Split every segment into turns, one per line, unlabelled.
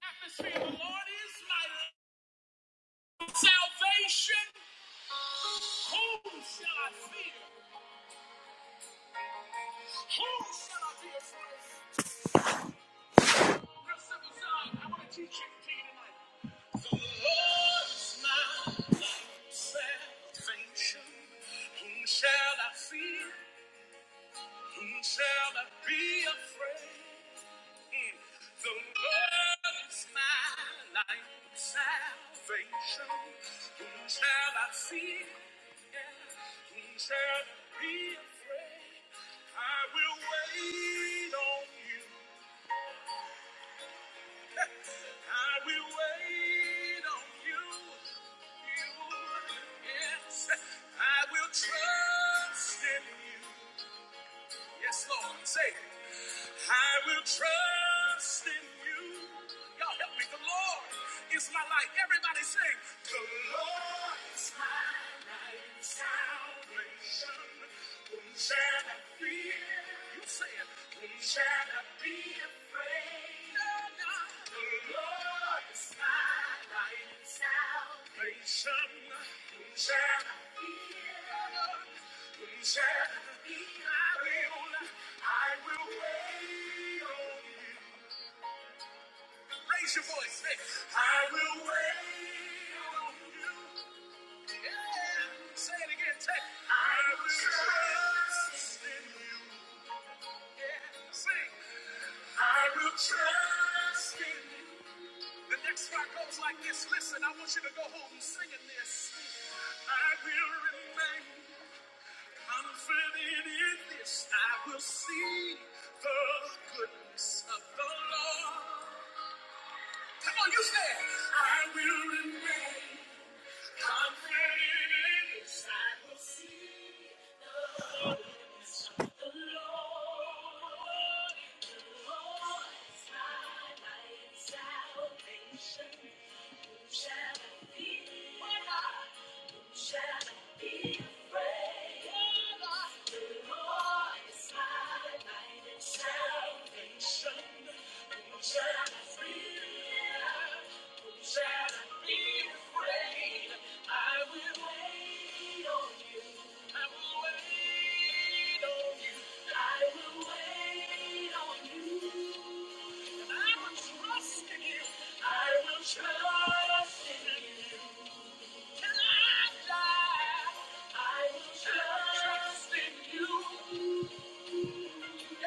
atmosphere. The Lord is my salvation. Whom shall I fear? Whom shall I fear? Real simple song. I want to teach you to you tonight. The Lord is my salvation. Whom shall I fear? Whom shall I be afraid? in The Lord is my light, and salvation. Whom shall I fear? Whom shall I be afraid? I will wait on you. I will wait on you. You, yes, I will trust in you. Yes, Lord. Say it. I will trust in you. Y'all help me. The Lord is my light. Everybody sing. The Lord is my light and salvation. Whom shall I fear? You say it. Whom shall I be afraid? Oh, God. The Lord is my light and salvation. Whom Raise your voice. I will wait on you. Yeah. Say it again. Say, it. I will trust in you. Sing, I will trust in you. The next part goes like this. Listen, I want you to go home singing this. I will remain. Confident in this, I will see the goodness of the Lord. Come on, you say it. I will remain confident in this. I will see the Lord. The Lord is my light and salvation. Shall I be afraid? I will wait on you.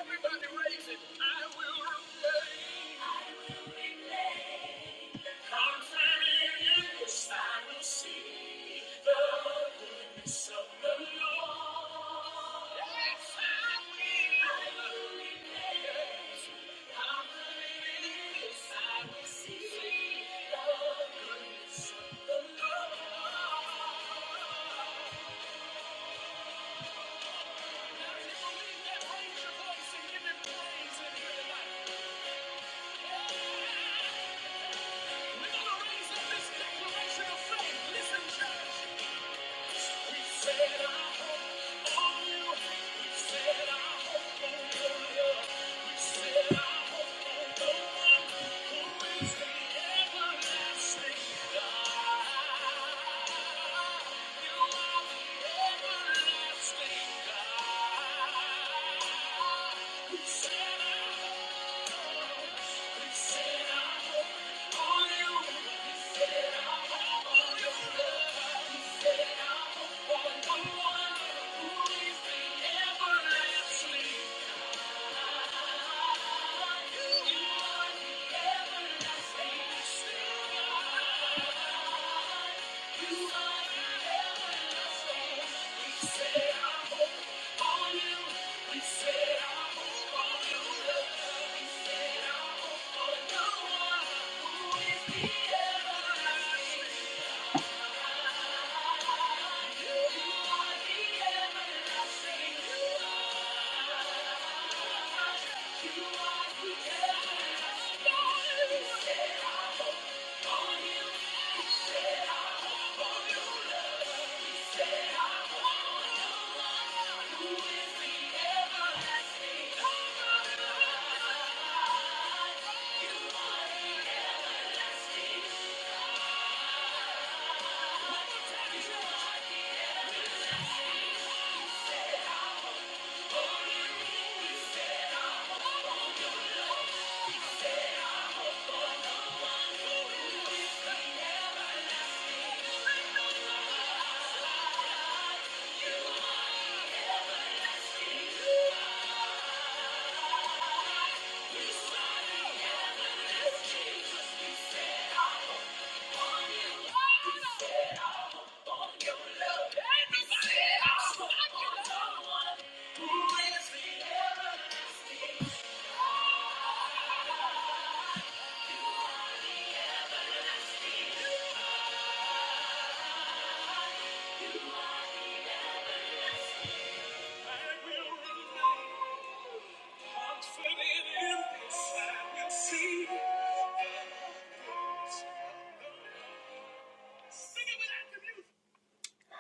Everybody raise it. I will remain. I will remain. Confident in I will see the goodness of Yes, I will. see the goodness of the Lord. Now, if you believe that, raise your voice and give Him praise in here tonight. We're gonna raise up this declaration of faith. Listen, church. God. We said I hope on you. love. We said I love.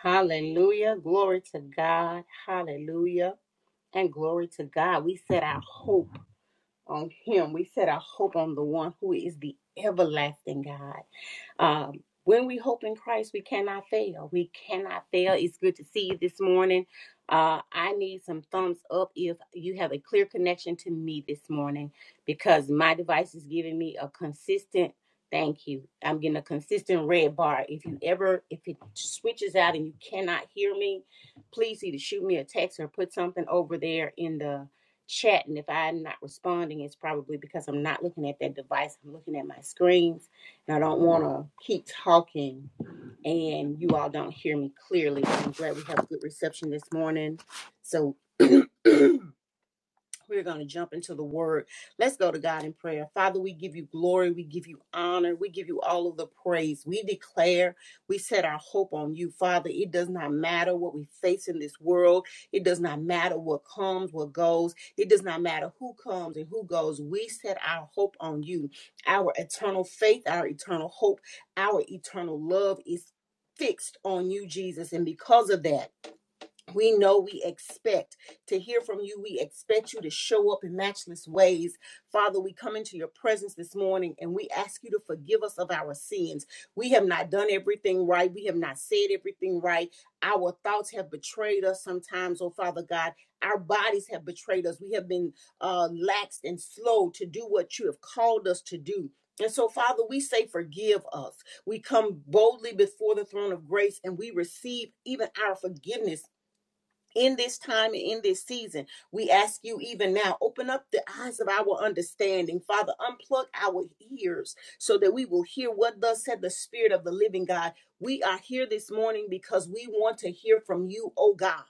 Hallelujah. Glory to God. Hallelujah. And glory to God. We set our hope on him. We set our hope on the one who is the everlasting God. Um, when we hope in Christ, we cannot fail. We cannot fail. It's good to see you this morning. Uh, I need some thumbs up if you have a clear connection to me this morning because my device is giving me a consistent thank you. I'm getting a consistent red bar. If you ever, if it switches out and you cannot hear me, please either shoot me a text or put something over there in the chat and if I'm not responding, it's probably because I'm not looking at that device. I'm looking at my screens and I don't want to keep talking and you all don't hear me clearly. I'm glad we have good reception this morning. So we're going to jump into the word. Let's go to God in prayer. Father, we give you glory. We give you honor. We give you all of the praise. We declare, we set our hope on you, Father. It does not matter what we face in this world. It does not matter what comes, what goes. It does not matter who comes and who goes. We set our hope on you. Our eternal faith, our eternal hope, our eternal love is fixed on you, Jesus. And because of that, we know we expect to hear from you. We expect you to show up in matchless ways. Father, we come into your presence this morning and we ask you to forgive us of our sins. We have not done everything right. We have not said everything right. Our thoughts have betrayed us sometimes, oh Father God. Our bodies have betrayed us. We have been uh, lax and slow to do what you have called us to do. And so, Father, we say, forgive us. We come boldly before the throne of grace and we receive even our forgiveness in this time and in this season. We ask you even now, open up the eyes of our understanding. Father, unplug our ears so that we will hear what thus said the Spirit of the living God. We are here this morning because we want to hear from you, oh God.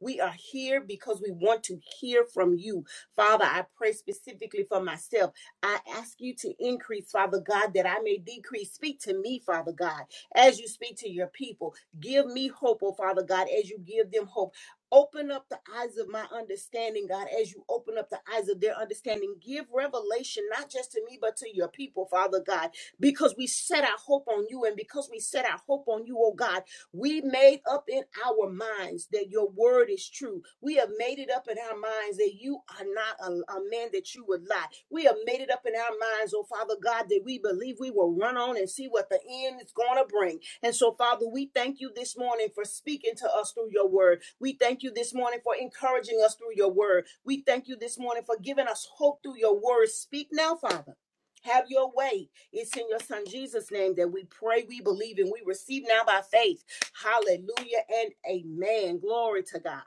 We are here because we want to hear from you. Father, I pray specifically for myself. I ask you to increase, Father God, that I may decrease. Speak to me, Father God, as you speak to your people. Give me hope, oh Father God, as you give them hope. Open up the eyes of my understanding, God, as you open up the eyes of their understanding. Give revelation, not just to me, but to your people, Father God, because we set our hope on you and because we set our hope on you, oh God. We made up in our minds that your word is true. We have made it up in our minds that you are not a, a man that you would lie. We have made it up in our minds, oh Father God, that we believe we will run on and see what the end is going to bring. And so, Father, we thank you this morning for speaking to us through your word. We thank you this morning for encouraging us through your word. We thank you this morning for giving us hope through your word. Speak now, Father. Have your way. It's in your son Jesus' name that we pray, we believe, and we receive now by faith. Hallelujah and amen. Glory to God.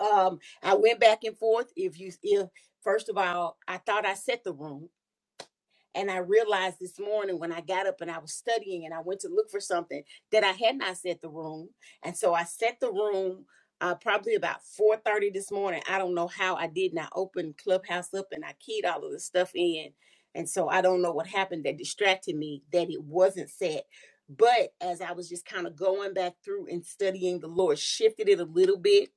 Um, I went back and forth. If you if first of all, I thought I set the room. And I realized this morning when I got up and I was studying and I went to look for something that I had not set the room. And so I set the room uh, probably about 4.30 this morning. I don't know how I did not open Clubhouse up and I keyed all of the stuff in. And so I don't know what happened that distracted me that it wasn't set. But as I was just kind of going back through and studying, the Lord shifted it a little bit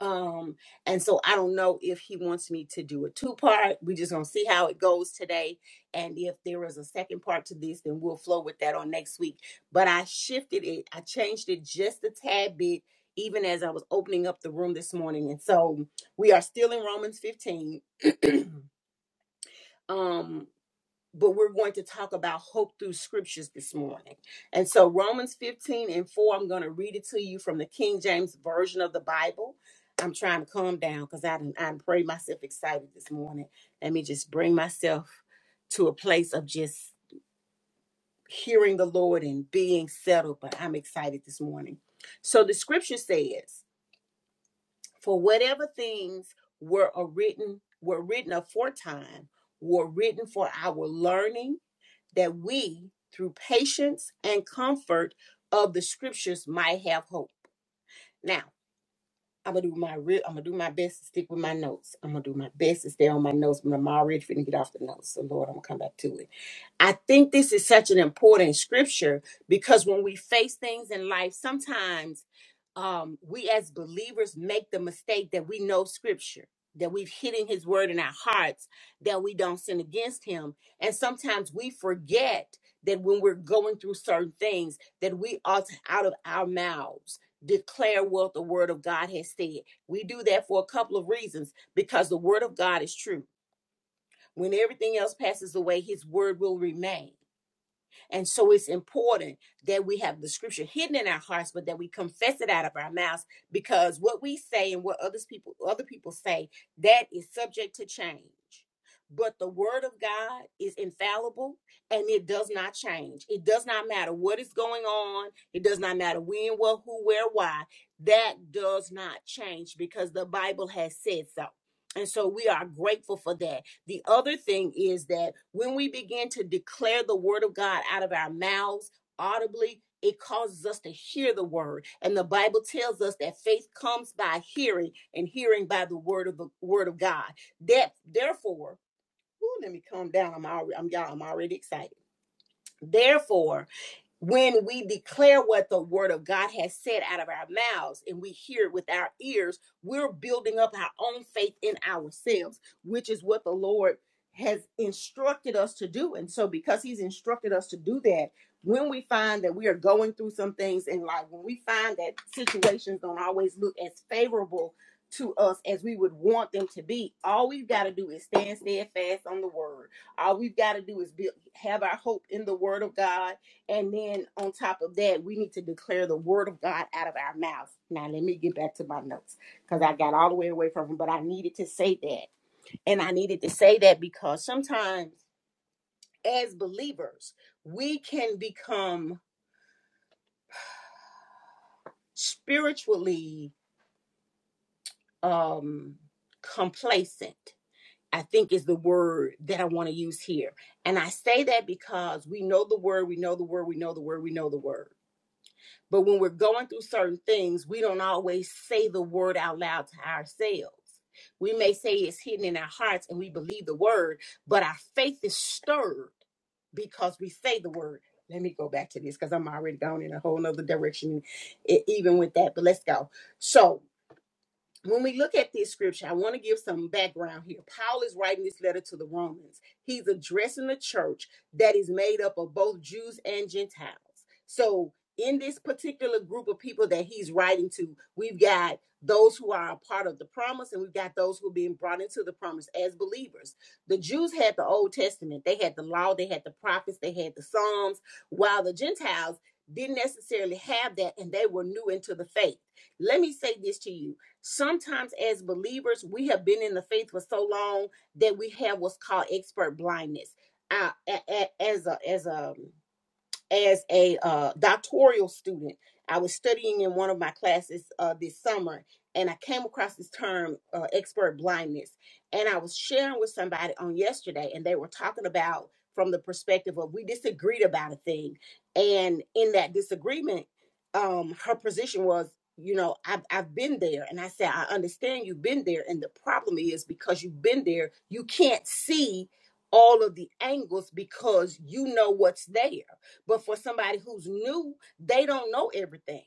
um, and so I don't know if he wants me to do a two part. We're just gonna see how it goes today. And if there is a second part to this, then we'll flow with that on next week. But I shifted it, I changed it just a tad bit, even as I was opening up the room this morning. And so we are still in Romans 15. Um, but we're going to talk about hope through scriptures this morning. And so, Romans 15 and 4, I'm going to read it to you from the King James Version of the Bible. I'm trying to calm down because I didn't I pray myself excited this morning. Let me just bring myself to a place of just hearing the Lord and being settled, but I'm excited this morning. So the scripture says, For whatever things were written were written aforetime were written for our learning that we, through patience and comfort of the scriptures, might have hope. Now, I'm gonna do my real. I'm gonna do my best to stick with my notes. I'm gonna do my best to stay on my notes, but I'm already finna get off the notes. So, Lord, I'm gonna come back to it. I think this is such an important scripture because when we face things in life, sometimes um, we as believers make the mistake that we know scripture, that we've hidden his word in our hearts, that we don't sin against him. And sometimes we forget that when we're going through certain things, that we ought to, out of our mouths, declare what the word of God has said. We do that for a couple of reasons because the word of God is true. When everything else passes away, his word will remain. And so it's important that we have the scripture hidden in our hearts, but that we confess it out of our mouths because what we say and what others people other people say, that is subject to change. But the word of God is infallible and it does not change. It does not matter what is going on. It does not matter when, what, who, where, why. That does not change because the Bible has said so. And so we are grateful for that the other thing is that when we begin to declare the word of God out of our mouths audibly, it causes us to hear the word. And the Bible tells us that faith comes by hearing and hearing by the word of the word of God. That therefore, ooh, let me calm down. I'm already I'm y'all, I'm already excited. Therefore, when we declare what the word of God has said out of our mouths and we hear it with our ears, we're building up our own faith in ourselves, which is what the Lord has instructed us to do. And so, because He's instructed us to do that, when we find that we are going through some things in life, when we find that situations don't always look as favorable to us as we would want them to be, all we've got to do is stand steadfast on the word. All we've got to do is be, have our hope in the word of God and then on top of that, we need to declare the word of God out of our mouth. Now, let me get back to my notes because I got all the way away from them, but I needed to say that. And I needed to say that because sometimes as believers, we can become spiritually um, complacent. I think is the word that I want to use here. And I say that because we know the word, we know the word, we know the word, we know the word. But when we're going through certain things, we don't always say the word out loud to ourselves. We may say it's hidden in our hearts and we believe the word, but our faith is stirred because we say the word. Let me go back to this because I'm already gone in a whole nother direction, e- even with that. But let's go. So when we look at this scripture, I want to give some background here. Paul is writing this letter to the Romans. He's addressing a church that is made up of both Jews and Gentiles. So, in this particular group of people that he's writing to, we've got those who are a part of the promise and we've got those who are being brought into the promise as believers. The Jews had the Old Testament, they had the law, they had the prophets, they had the Psalms, while the Gentiles didn't necessarily have that and they were new into the faith let me say this to you Sometimes, as believers, we have been in the faith for so long that we have what's called expert blindness. Uh, as a as a as a uh, doctoral student. I was studying in one of my classes uh, this summer, and I came across this term, uh, expert blindness. And I was sharing with somebody on yesterday, and they were talking about from the perspective of we disagreed about a thing. And in that disagreement, um, her position was, you know, I've, I've been there. And I said, I understand you've been there. And the problem is because you've been there, you can't see all of the angles because you know what's there but for somebody who's new, they don't know everything.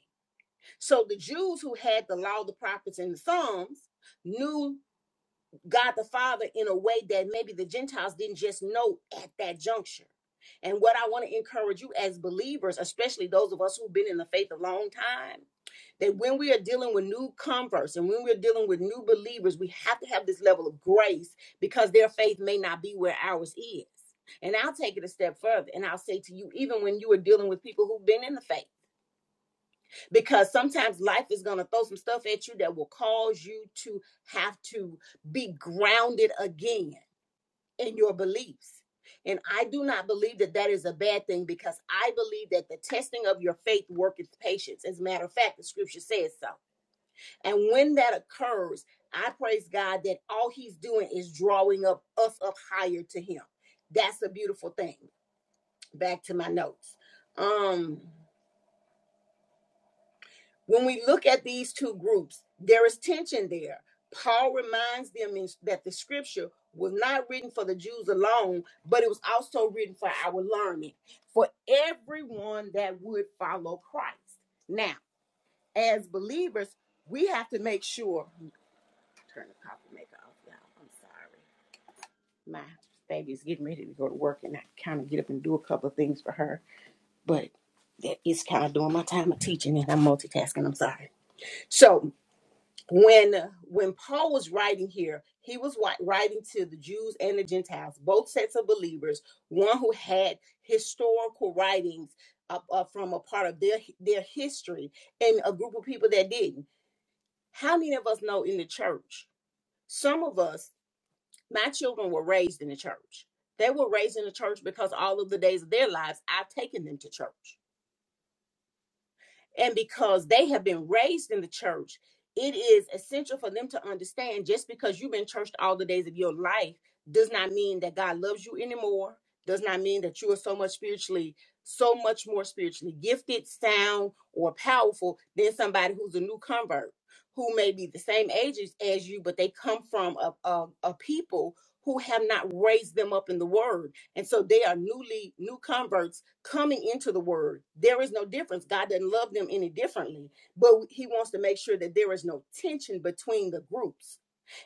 So the Jews who had the law, the prophets, and the Psalms knew God the Father in a way that maybe the Gentiles didn't just know at that juncture. And what I want to encourage you as believers, especially those of us who've been in the faith a long time, that when we are dealing with new converts and when we're dealing with new believers, we have to have this level of grace because their faith may not be where ours is. And I'll take it a step further and I'll say to you, even when you are dealing with people who've been in the faith, because sometimes life is going to throw some stuff at you that will cause you to have to be grounded again in your beliefs. And I do not believe that that is a bad thing because I believe that the testing of your faith worketh patience. As a matter of fact, the scripture says so. And when that occurs, I praise God that all he's doing is drawing up us up higher to him. That's a beautiful thing. Back to my notes. Um, when we look at these two groups, there is tension there. Paul reminds them in, that the scripture was not written for the Jews alone, but it was also written for our learning, for everyone that would follow Christ. Now, as believers, we have to make sure. Turn the coffee maker off, y'all. I'm sorry. My baby's getting ready to go to work, and I kind of get up and do a couple of things for her. But that is kind of doing my time of teaching, and I'm multitasking. I'm sorry. So when when Paul was writing here, he was writing to the Jews and the Gentiles, both sets of believers. One who had historical writings up, up from a part of their their history, and a group of people that didn't. How many of us know in the church? Some of us My children were raised in the church. They were raised in the church because all of the days of their lives I've taken them to church. And because they have been raised in the church, it is essential for them to understand just because you've been churched all the days of your life does not mean that God loves you anymore, does not mean that you are so much spiritually, so much more spiritually gifted, sound, or powerful than somebody who's a new convert who may be the same age as you, but they come from a, a, a people who have not raised them up in the word. And so they are newly new converts coming into the word. There is no difference. God doesn't love them any differently, but he wants to make sure that there is no tension between the groups.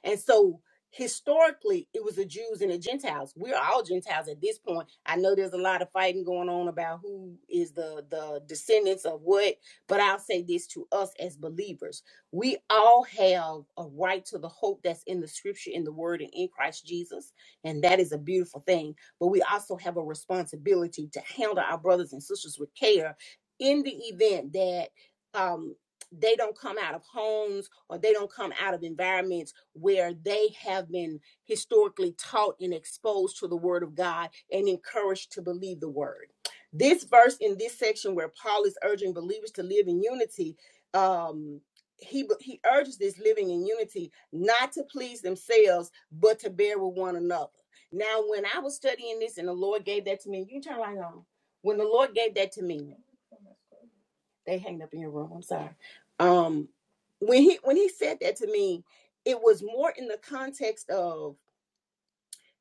And so historically, it was the Jews and the Gentiles. We're all Gentiles at this point. I know there's a lot of fighting going on about who is the the descendants of what, but I'll say this to us as believers. We all have a right to the hope that's in the scripture, in the word, and in Christ Jesus. And that is a beautiful thing but we also have a responsibility to handle our brothers and sisters with care in the event that um, they don't come out of homes or they don't come out of environments where they have been historically taught and exposed to the word of God and encouraged to believe the word. This verse in this section where Paul is urging believers to live in unity, um, he he urges this living in unity not to please themselves but to bear with one another. Now, when I was studying this and the Lord gave that to me, you turn light on. When the Lord gave that to me, they hanged up in your room. I'm sorry. Um, when he when he said that to me, it was more in the context of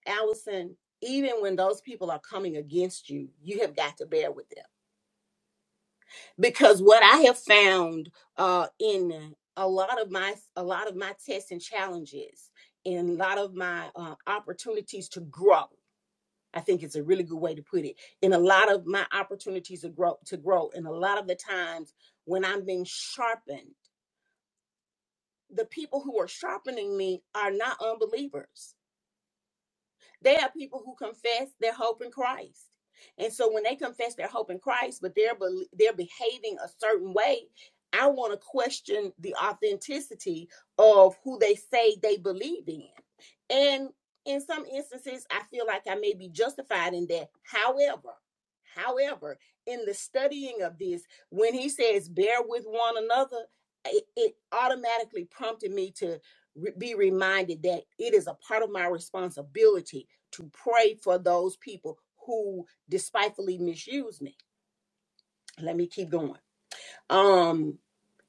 Allison. Even when those people are coming against you, you have got to bear with them because what I have found uh, in a lot of my a lot of my tests and challenges, in a lot of my uh, opportunities to grow. I think it's a really good way to put it. In a lot of my opportunities to grow, to grow, and a lot of the times when I'm being sharpened, the people who are sharpening me are not unbelievers. They are people who confess their hope in Christ. And so when they confess their hope in Christ, but they're they're behaving a certain way, I want to question the authenticity of who they say they believe in. And in some instances, I feel like I may be justified in that. However, however, in the studying of this, when he says bear with one another, it, it automatically prompted me to re- be reminded that it is a part of my responsibility to pray for those people who despitefully misuse me. Let me keep going. Um,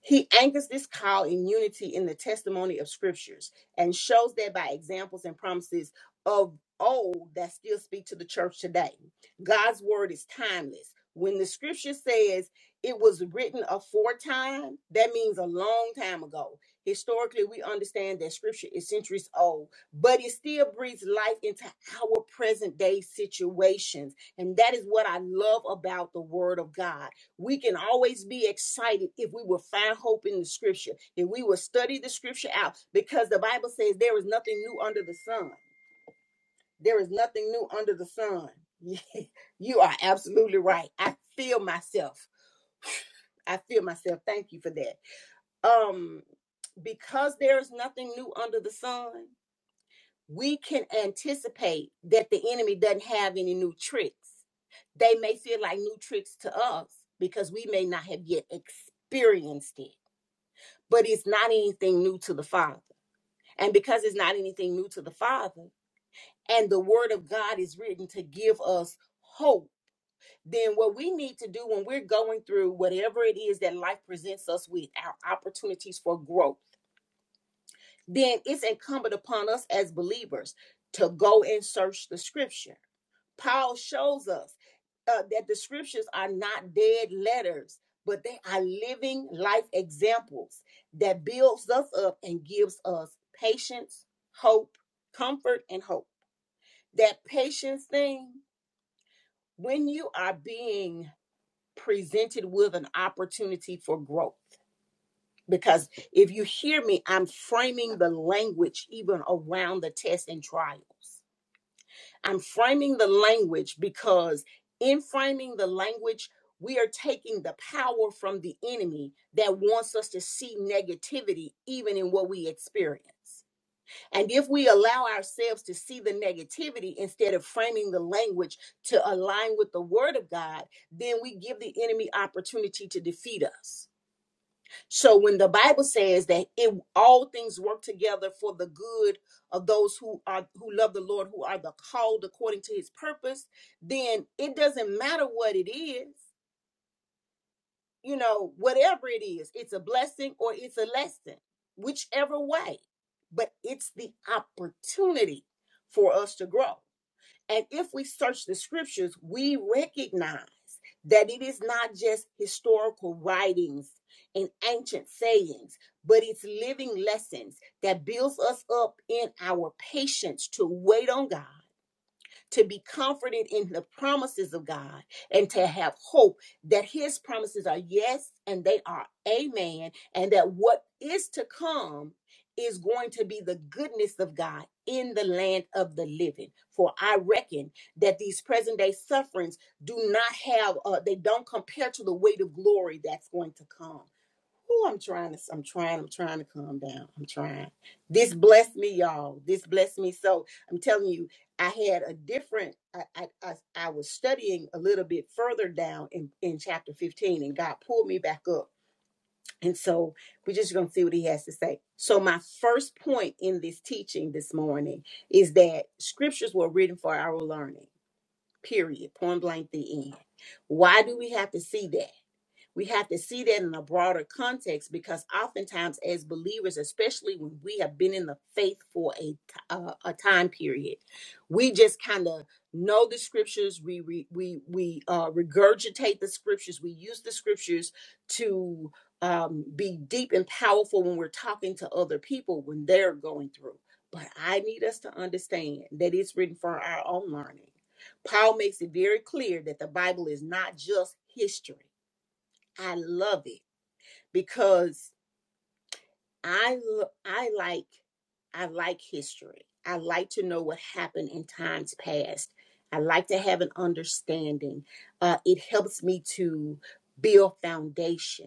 he anchors this call in unity in the testimony of scriptures and shows that by examples and promises of old that still speak to the church today. God's word is timeless. When the scripture says it was written aforetime, that means a long time ago. Historically, we understand that scripture is centuries old, but it still breathes life into our present day situations. And that is what I love about the word of God we can always be excited if we will find hope in the scripture, if we will study the scripture out, because the Bible says there is nothing new under the sun. There is nothing new under the sun. you are absolutely right. I feel myself. I feel myself. Thank you for that. Um, because there is nothing new under the sun, we can anticipate that the enemy doesn't have any new tricks. They may feel like new tricks to us because we may not have yet experienced it but it's not anything new to the Father. And because it's not anything new to the Father, and the Word of God is written to give us hope, then what we need to do when we're going through whatever it is that life presents us with, our opportunities for growth, then it's incumbent upon us as believers to go and search the scripture Paul shows us uh, that the scriptures are not dead letters, but they are living life examples that builds us up and gives us patience, hope, comfort, and hope. That patience thing, when you are being presented with an opportunity for growth, because if you hear me, I'm framing the language even around the tests and trials I'm framing the language because in framing the language, we are taking the power from the enemy that wants us to see negativity even in what we experience. And if we allow ourselves to see the negativity instead of framing the language to align with the word of God, then we give the enemy opportunity to defeat us. So when the Bible says that it all things work together for the good of those who are who love the Lord, who are the called according to his purpose, then it doesn't matter what it is, you know, whatever it is, it's a blessing or it's a lesson, whichever way. But it's the opportunity for us to grow. And if we search the scriptures, we recognize that it is not just historical writings and ancient sayings, but it's living lessons that builds us up in our patience to wait on God to be comforted in the promises of God, and to have hope that His promises are yes and they are amen, and that what is to come is going to be the goodness of God in the land of the living. For I reckon that these present day sufferings do not have, uh, they don't compare to the weight of glory that's going to come. Oh, I'm trying to, I'm trying, I'm trying to calm down. I'm trying. This blessed me, y'all. This blessed me. So I'm telling you, I had a different, I, I, I, I was studying a little bit further down in, in chapter 15 and God pulled me back up. And so we're just going to see what he has to say. So my first point in this teaching this morning is that scriptures were written for our learning, period, point blank, the end. Why do we have to see that? We have to see that in a broader context because oftentimes, as believers, especially when we have been in the faith for a uh, a time period, we just kind of know the scriptures. We we we, we uh, regurgitate the scriptures. We use the scriptures to um, be deep and powerful when we're talking to other people when they're going through. But I need us to understand that it's written for our own learning. Paul makes it very clear that the Bible is not just history I love it because I I like I like history. I like to know what happened in times past. I like to have an understanding. Uh, it helps me to build foundation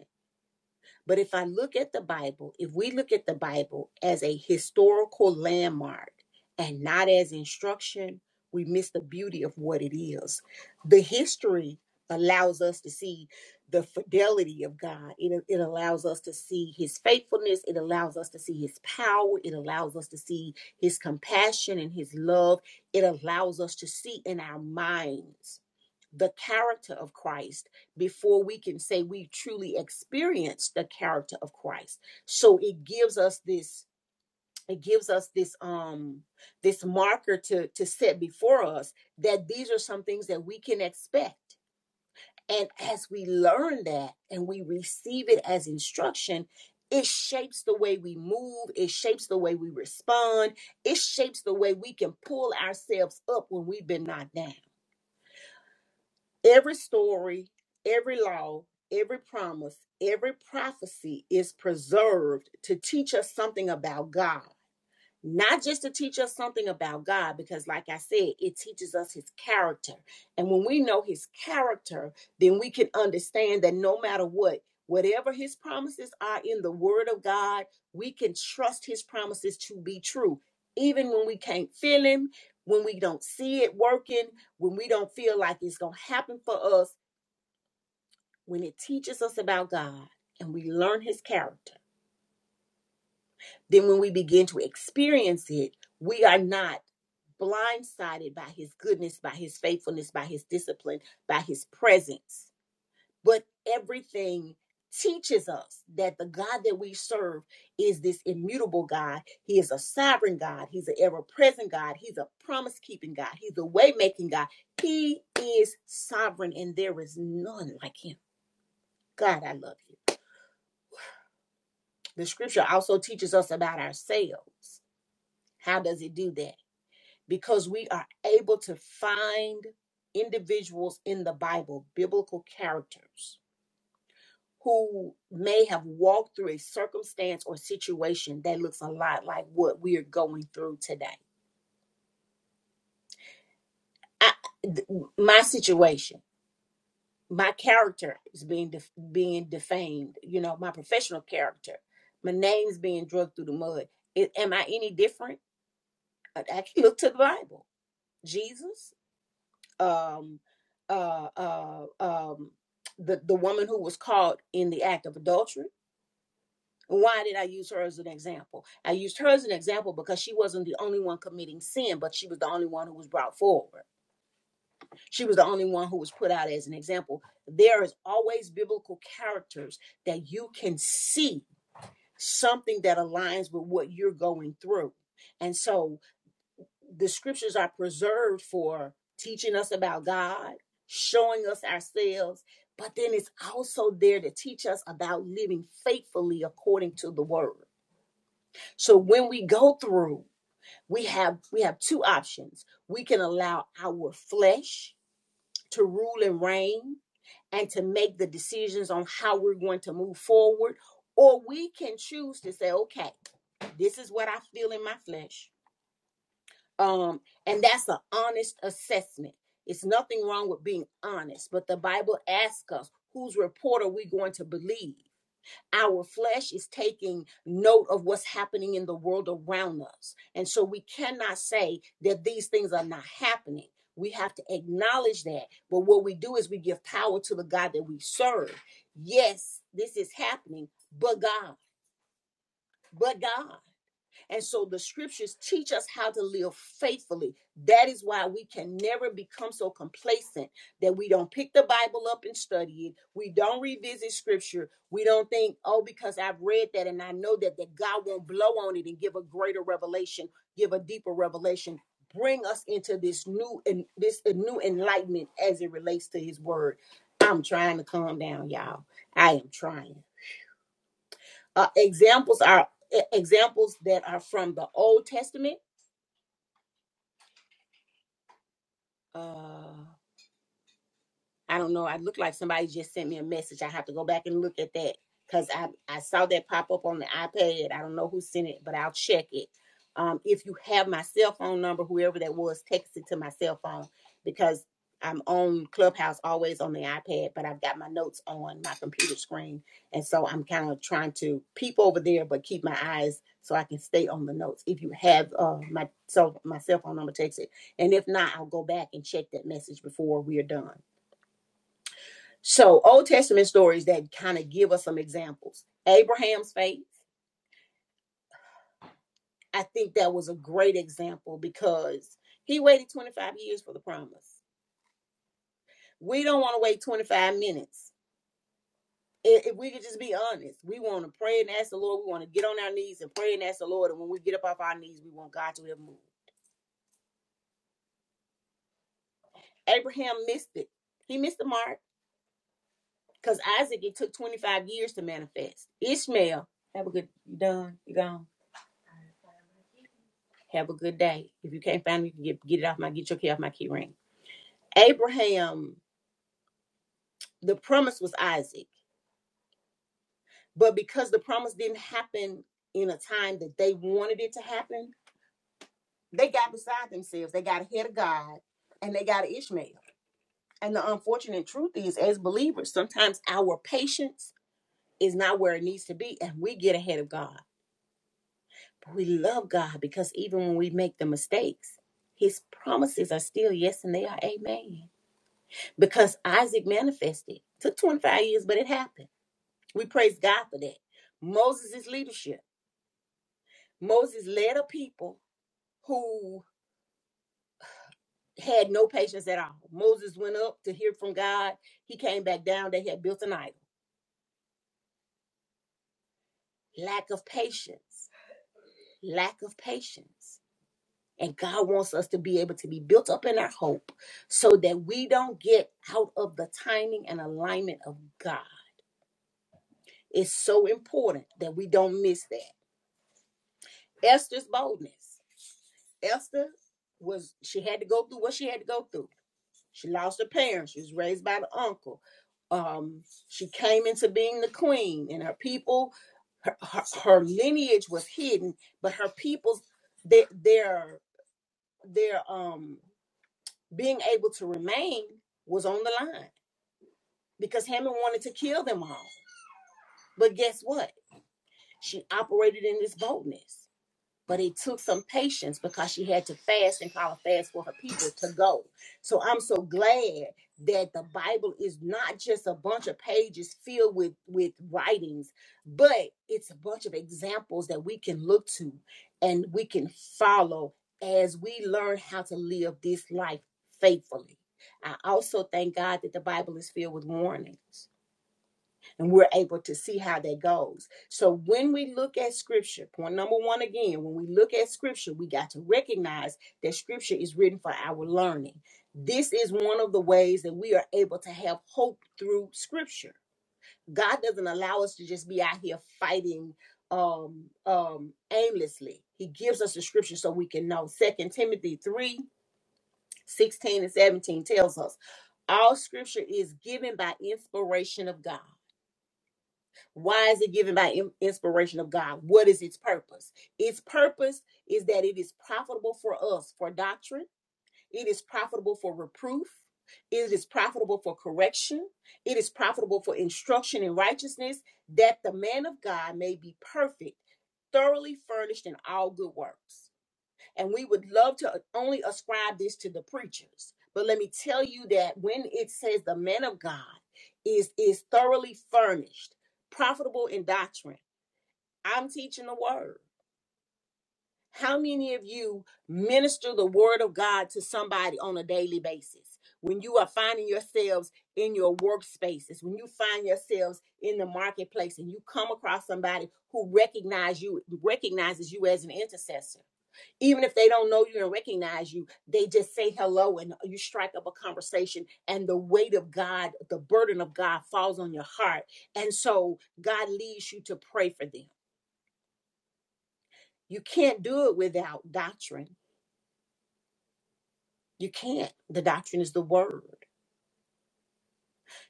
but if I look at the Bible, if we look at the Bible as a historical landmark and not as instruction, we miss the beauty of what it is. The history allows us to see the fidelity of God, it, it allows us to see his faithfulness, it allows us to see his power, it allows us to see his compassion and his love, it allows us to see in our minds the character of Christ before we can say we truly experience the character of Christ. So it gives us this it gives us this um this marker to to set before us that these are some things that we can expect. And as we learn that and we receive it as instruction, it shapes the way we move, it shapes the way we respond, it shapes the way we can pull ourselves up when we've been knocked down Every story, every law, every promise, every prophecy is preserved to teach us something about God not just to teach us something about God, because, like I said, it teaches us his character. And when we know his character, then we can understand that no matter what, whatever his promises are in the word of God, we can trust his promises to be true, even when we can't feel him, when we don't see it working, when we don't feel like it's going to happen for us, when it teaches us about God and we learn his character. Then, when we begin to experience it, we are not blindsided by his goodness, by his faithfulness, by his discipline, by his presence. But everything teaches us that the God that we serve is this immutable God. He is a sovereign God. He's an ever present God. He's a promise keeping God. He's a way making God. He is sovereign and there is none like him. God, I love you. The scripture also teaches us about ourselves. How does it do that? because we are able to find individuals in the Bible, biblical characters, who may have walked through a circumstance or situation that looks a lot like what we are going through today. I, th- my situation, my character is being def- being defamed. You know, my professional character, my name's being dragged through the mud. I- am I any different? I, I look to the Bible, Jesus. um, uh, uh, um, the the woman who was caught in the act of adultery. Why did I use her as an example? I used her as an example because she wasn't the only one committing sin, but she was the only one who was brought forward. She was the only one who was put out as an example. There is always biblical characters that you can see something that aligns with what you're going through. And so the scriptures are preserved for teaching us about God, showing us ourselves, but then it's also there to teach us about living faithfully according to the word. So when we go through, we have we have two options. We can allow our flesh to rule and reign and to make the decisions on how we're going to move forward, or we can choose to say, okay, this is what I feel in my flesh. um and that's an honest assessment it's nothing wrong with being honest but the bible asks us whose report are we going to believe our flesh is taking note of what's happening in the world around us and so we cannot say that these things are not happening we have to acknowledge that but what we do is we give power to the god that we serve yes this is happening but god but god and so the scriptures teach us how to live faithfully. That is why we can never become so complacent that we don't pick the Bible up and study it. We don't revisit scripture. We don't think, oh, because I've read that and I know that, that God won't blow on it and give a greater revelation, give a deeper revelation. Bring us into this new and this uh, new enlightenment as it relates to his word. I'm trying to calm down, y'all. I am trying. Uh, examples are e- examples that are from the Old Testament. Uh, I don't know. I look like somebody just sent me a message. I have to go back and look at that because I, I saw that pop up on the iPad. I don't know who sent it, but I'll check it. Um, if you have my cell phone number, whoever that was, text it to my cell phone because I'm on Clubhouse always on the iPad, but I've got my notes on my computer screen. And so I'm kind of trying to peep over there, but keep my eyes so I can stay on the notes. If you have uh, my, so my cell phone number, text it. And if not, I'll go back and check that message before we are done. So, Old Testament stories that kind of give us some examples. Abraham's faith, I think that was a great example because he waited 25 years for the promise. We don't want to wait 25 minutes. If we could just be honest, we want to pray and ask the Lord. We want to get on our knees and pray and ask the Lord. And when we get up off our knees, we want God to have moved. Abraham missed it. He missed the mark because Isaac, it took 25 years to manifest. Ishmael, have a good, you done, you gone. Have a good day. If you can't find me, get, get it off my get your key off my key ring. Abraham, the promise was Isaac, but because the promise didn't happen in a time that they wanted it to happen, they got beside themselves. They got ahead of God, and they got Ishmael. And the unfortunate truth is, as believers, sometimes our patience is not where it needs to be, and we get ahead of God. But we love God because even when we make the mistakes, His promises are still yes and they are amen. because Isaac manifested. It Took 25 years, but it happened. We praise God for that. Moses' leadership. Moses led a people who had no patience at all. Moses went up to hear from God. He came back down. They had built an idol. Lack of patience. Lack of patience. And God wants us to be able to be built up in our hope so that we don't get out of the timing and alignment of God. It's so important that we don't miss that. Esther's boldness. Esther was she had to go through what she had to go through. She lost her parents. She was raised by the uncle. Um, she came into being the queen, and her people, her, her, her lineage was hidden, but her people's their their their um being able to remain was on the line because Haman wanted to kill them all. But guess what? She operated in this boldness. but it took some patience because she had to fast and call a fast for her people to go. So I'm so glad that the Bible is not just a bunch of pages filled with with writings, but it's a bunch of examples that we can look to and we can follow as we learn how to live this life faithfully. I also thank God that the Bible is filled with warnings and we're able to see how that goes. So when we look at scripture, point number one again, when we look at scripture, we got to recognize that scripture is written for our learning. This is one of the ways that we are able to have hope through scripture. God doesn't allow us to just be out here fighting um um aimlessly. He gives us the scripture so we can know. Second Timothy 3 16 and 17 tells us all scripture is given by inspiration of God why is it given by inspiration of God? What is its purpose? Its purpose is that it is profitable for us for doctrine, it is profitable for reproof, it is profitable for correction, it is profitable for instruction in righteousness, that the man of God may be perfect, thoroughly furnished in all good works. And we would love to uh, only ascribe this to the preachers. But let me tell you that when it says the man of God is is thoroughly furnished, profitable in doctrine, I'm teaching the word. How many of you minister the word of God to somebody on a daily basis? When you are finding yourselves in your workspaces, when you find yourselves in the marketplace and you come across somebody who recognize you recognizes you as an intercessor even if they don't know you and recognize you, they just say hello and you strike up a conversation, and the weight of God, the burden of God falls on your heart. And so God leads you to pray for them. You can't do it without doctrine. You can't. The doctrine is the word.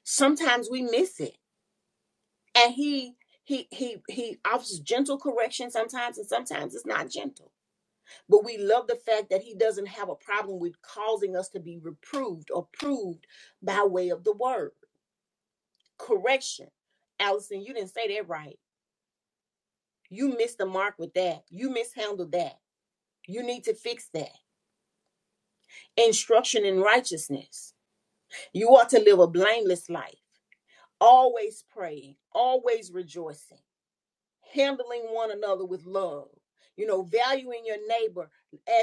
Sometimes we miss it. And he he he he offers gentle correction sometimes, and sometimes it's not gentle. But we love the fact that he doesn't have a problem with causing us to be reproved or proved by way of the word. correction. Allison, you didn't say that right. You missed the mark with that. You mishandled that. You need to fix that. Instruction in righteousness. You ought to live a blameless life, always praying, always rejoicing, handling one another with love, you know, valuing your neighbor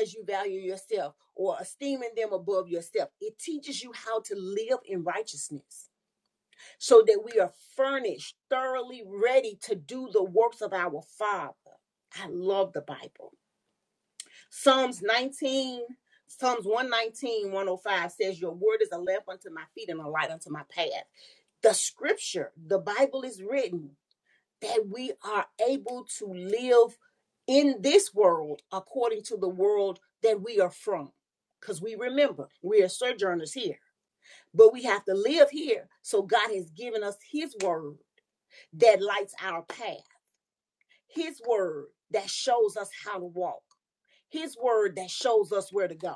as you value yourself or esteeming them above yourself. It teaches you how to live in righteousness. so that we are furnished, thoroughly ready to do the works of our Father. I love the Bible. Psalms 19, Psalms 119, 105 says, Your word is a lamp unto my feet and a light unto my path. The scripture, the Bible is written that we are able to live in this world according to the world that we are from. Because we remember, we are sojourners here, but we have to live here. So God has given us His word that lights our path. His word that shows us how to walk. His word that shows us where to go.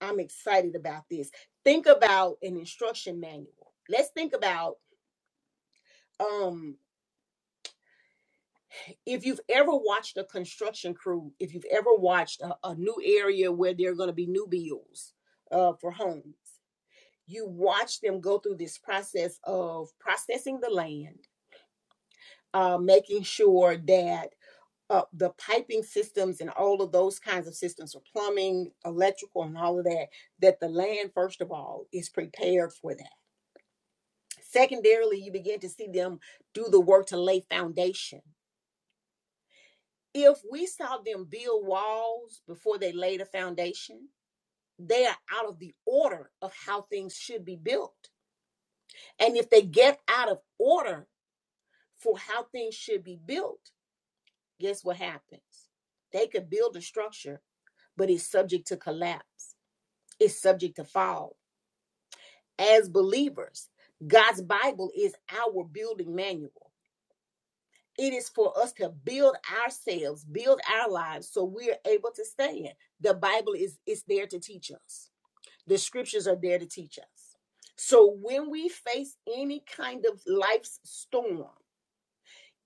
I'm excited about this. Think about an instruction manual. Let's think about um if you've ever watched a construction crew, if you've ever watched a, a new area where there are going to be new builds uh, for homes, you watch them go through this process of processing the land, uh, making sure that uh, the piping systems and all of those kinds of systems for plumbing, electrical, and all of that, that the land, first of all, is prepared for that. Secondarily, you begin to see them do the work to lay foundation. If we saw them build walls before they laid a foundation, they are out of the order of how things should be built. And if they get out of order for how things should be built, guess what happens? They could build a structure, but it's subject to collapse is subject to fall. As believers, God's Bible is our building manual. It is for us to build ourselves, build our lives so we're able to stand. The Bible is is there to teach us. The scriptures are there to teach us. So when we face any kind of life's storm,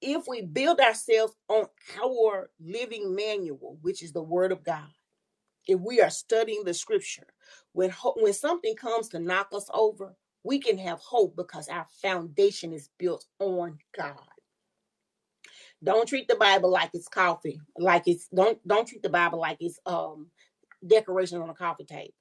if we build ourselves on our living manual, which is the word of God, if we are studying the scripture when ho- when something comes to knock us over we can have hope because our foundation is built on god don't treat the bible like it's coffee like it's don't don't treat the bible like it's um decoration on a coffee table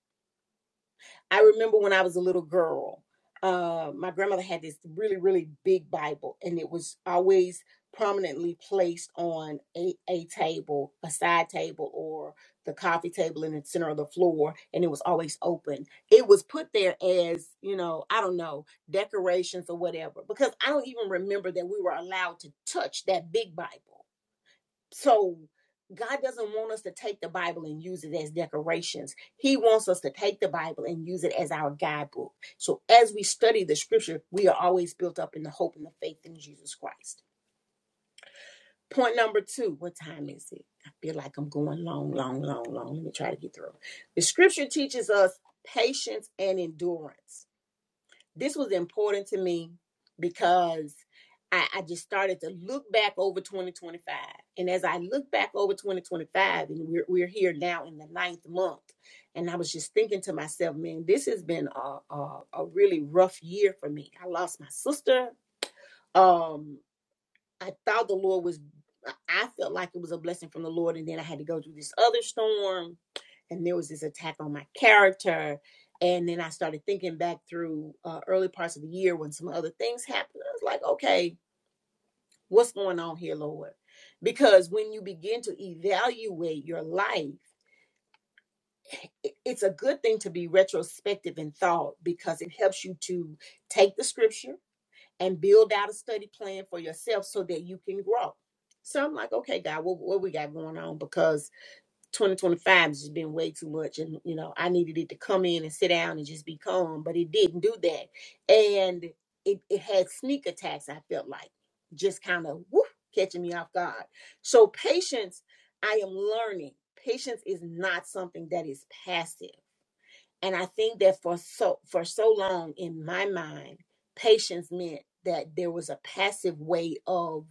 I remember when I was a little girl, uh, my grandmother had this really, really big Bible, and it was always prominently placed on a, a table, a side table, or the coffee table in the center of the floor, and it was always open. It was put there as, you know, I don't know, decorations or whatever, because I don't even remember that we were allowed to touch that big Bible. So God doesn't want us to take the Bible and use it as decorations. He wants us to take the Bible and use it as our guidebook. So as we study the scripture, we are always built up in the hope and the faith in Jesus Christ. Point number two, what time is it? I feel like I'm going long, long, long, long. Let me try to get through. The scripture teaches us patience and endurance. This was important to me because I, I just started to look back over 2025. And as I look back over 2025, and we're, we're here now in the ninth month, and I was just thinking to myself, man, this has been a, a, a really rough year for me. I lost my sister. Um, I thought the Lord was, I felt like it was a blessing from the Lord. And then I had to go through this other storm, and there was this attack on my character. And then I started thinking back through uh, early parts of the year when some other things happened. I was like, okay, what's going on here, Lord? Because when you begin to evaluate your life, it's a good thing to be retrospective in thought because it helps you to take the scripture and build out a study plan for yourself so that you can grow. So I'm like, okay, God, what, what we got going on? Because 2025 has just been way too much. And, you know, I needed it to come in and sit down and just be calm, but it didn't do that. And it, it had sneak attacks, I felt like, just kind of whoop, catching me off guard. So patience, I am learning. Patience is not something that is passive and I think that for so for so long in my mind, patience meant that there was a passive way of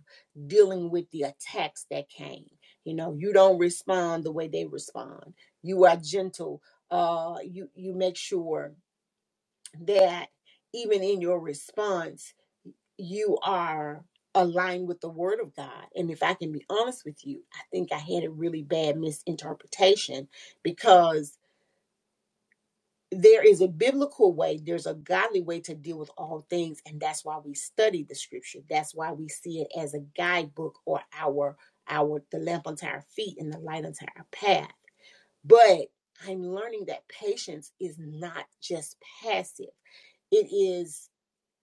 dealing with the attacks that came. You know, you don't respond the way they respond. You are gentle. Uh, you you make sure that even in your response, you are aligned with the word of God. And if I can be honest with you, I think I had a really bad misinterpretation because there is a biblical way, there's a godly way to deal with all things, and that's why we study the scripture. That's why we see it as a guidebook or our our the lamp unto our feet and the light unto our path. But I'm learning that patience is not just passive. It is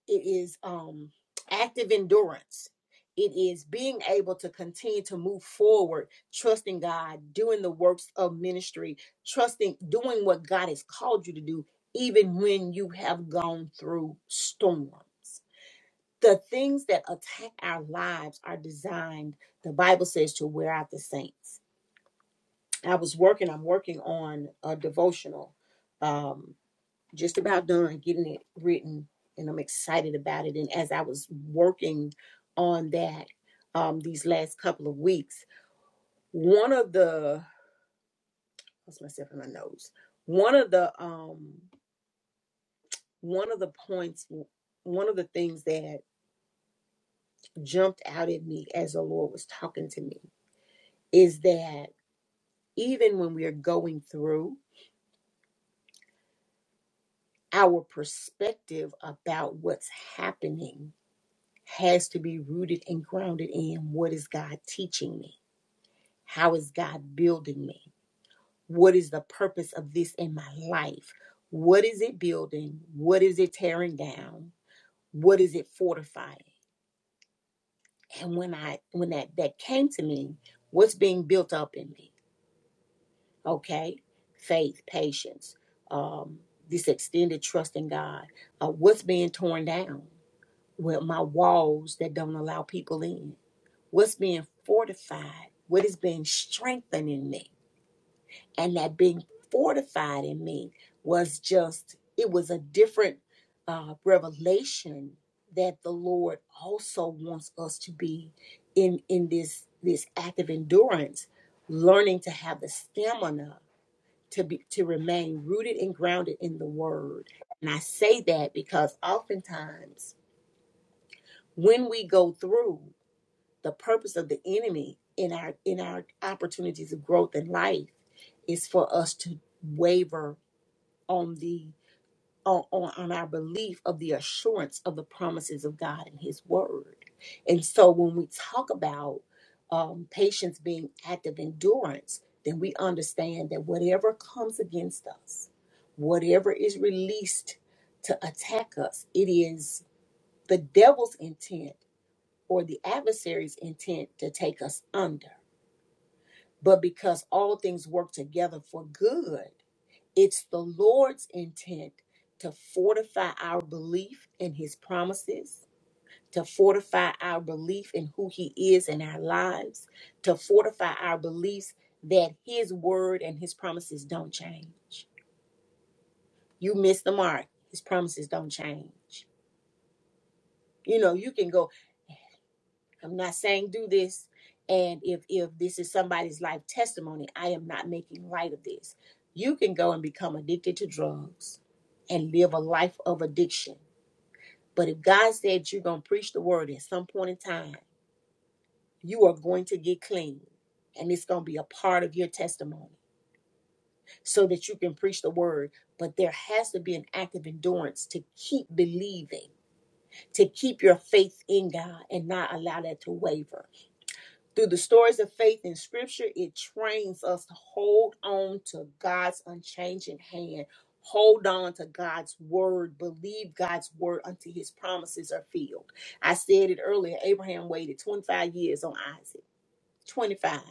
it is um active endurance it is being able to continue to move forward trusting god doing the works of ministry trusting doing what god has called you to do even when you have gone through storms the things that attack our lives are designed the bible says to wear out the saints i was working i'm working on a devotional Um, just about done getting it written and I'm excited about it. And as I was working on that um, these last couple of weeks, one of the what's myself in my nose, one of the um, one of the points, one of the things that jumped out at me as the Lord was talking to me is that even when we are going through, our perspective about what's happening has to be rooted and grounded in what is God teaching me How is God building me? What is the purpose of this in my life? What is it building? What is it tearing down? What is it fortifying? And when I when that that came to me, what's being built up in me? Okay, faith, patience, um, this extended trust in God. Uh, what's being torn down? Well, my walls that don't allow people in. What's being fortified? What is being strengthened in me? and that being fortified in me was just it was a different uh, revelation that the lord also wants us to be in in this this act of endurance learning to have the stamina to be to remain rooted and grounded in the word and i say that because oftentimes when we go through the purpose of the enemy in our in our opportunities of growth in life is for us to waver on the on, on on our belief of the assurance of the promises of God and His Word. And so when we talk about um, patience being active endurance, then we understand that whatever comes against us, whatever is released to attack us, it is the devil's intent or the adversary's intent to take us under. But because all things work together for good it's the Lord's intent to fortify our belief in his promises, to fortify our belief in who he is in our lives, to fortify our beliefs that his word and his promises don't change. You miss the mark, his promises don't change. You know, you can go, I'm not saying do this. And if if this is somebody's life testimony, I am not making light of this. You can go and become addicted to drugs and live a life of addiction But if God said you're going to preach the word at some point in time, you are going to get clean and it's going to be a part of your testimony so that you can preach the word. But there has to be an act of endurance to keep believing, to keep your faith in God and not allow that to waver. Through the stories of faith in scripture, it trains us to hold on to God's unchanging hand. Hold on to God's word. Believe God's word until his promises are filled. I said it earlier Abraham waited 25 years on Isaac. 25.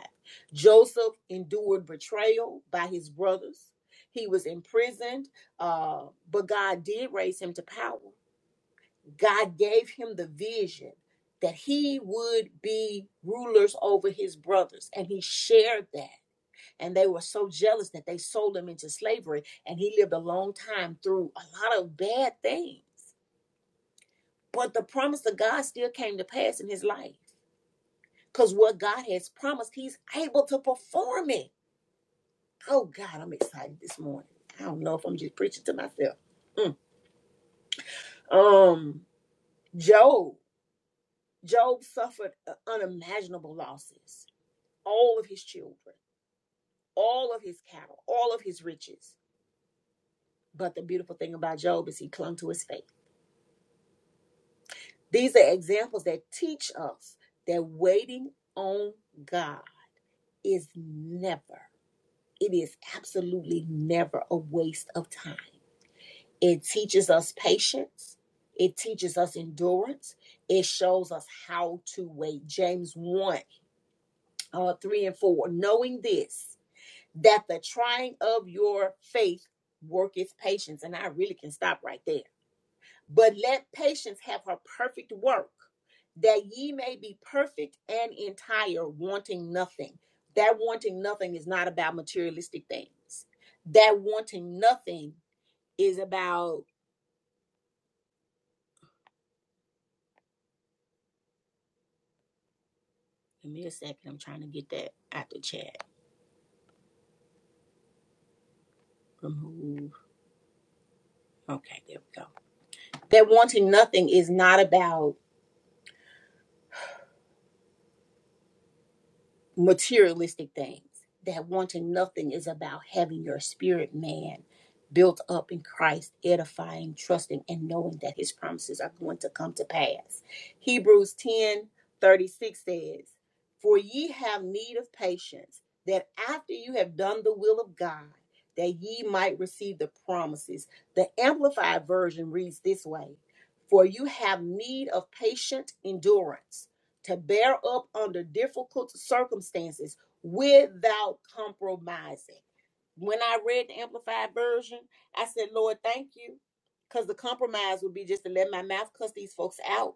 Joseph endured betrayal by his brothers. He was imprisoned, uh, but God did raise him to power. God gave him the vision that he would be rulers over his brothers, and he shared that. And they were so jealous that they sold him into slavery, and he lived a long time through a lot of bad things. But the promise of God still came to pass in his life because what God has promised, he's able to perform it. Oh, God, I'm excited this morning. I don't know if I'm just preaching to myself. Mm. Um, Job. Job suffered uh, unimaginable losses all of his children, all of his cattle, all of his riches. But the beautiful thing about Job is he clung to his faith. These are examples that teach us that waiting on God is never, it is absolutely never a waste of time. It teaches us patience, it teaches us endurance, it shows us how to wait. James 1 uh, 3 and 4. Knowing this, that the trying of your faith worketh patience. And I really can stop right there. But let patience have her perfect work, that ye may be perfect and entire, wanting nothing. That wanting nothing is not about materialistic things. That wanting nothing is about, give me a second, I'm trying to get that out the chat. Remove. Okay, there we go. That wanting nothing is not about materialistic things. That wanting nothing is about having your spirit man built up in Christ, edifying, trusting, and knowing that his promises are going to come to pass. Hebrews 10 36 says, For ye have need of patience, that after you have done the will of God, that ye might receive the promises. The Amplified Version reads this way For you have need of patient endurance to bear up under difficult circumstances without compromising. When I read the Amplified Version, I said, Lord, thank you. Because the compromise would be just to let my mouth cuss these folks out.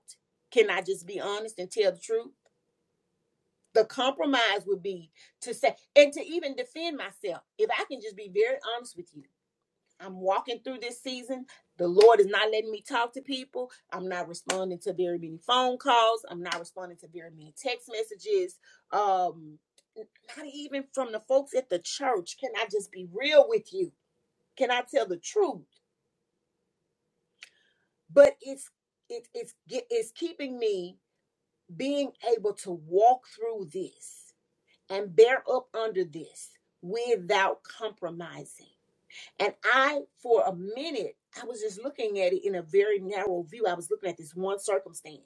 Can I just be honest and tell the truth? The compromise would be to say, and to even defend myself. If I can just be very honest with you, I'm walking through this season. The Lord is not letting me talk to people. I'm not responding to very many phone calls. I'm not responding to very many text messages. Um, not even from the folks at the church. Can I just be real with you? Can I tell the truth? But it's it, it's it's keeping me being able to walk through this and bear up under this without compromising. And I, for a minute, I was just looking at it in a very narrow view. I was looking at this one circumstance.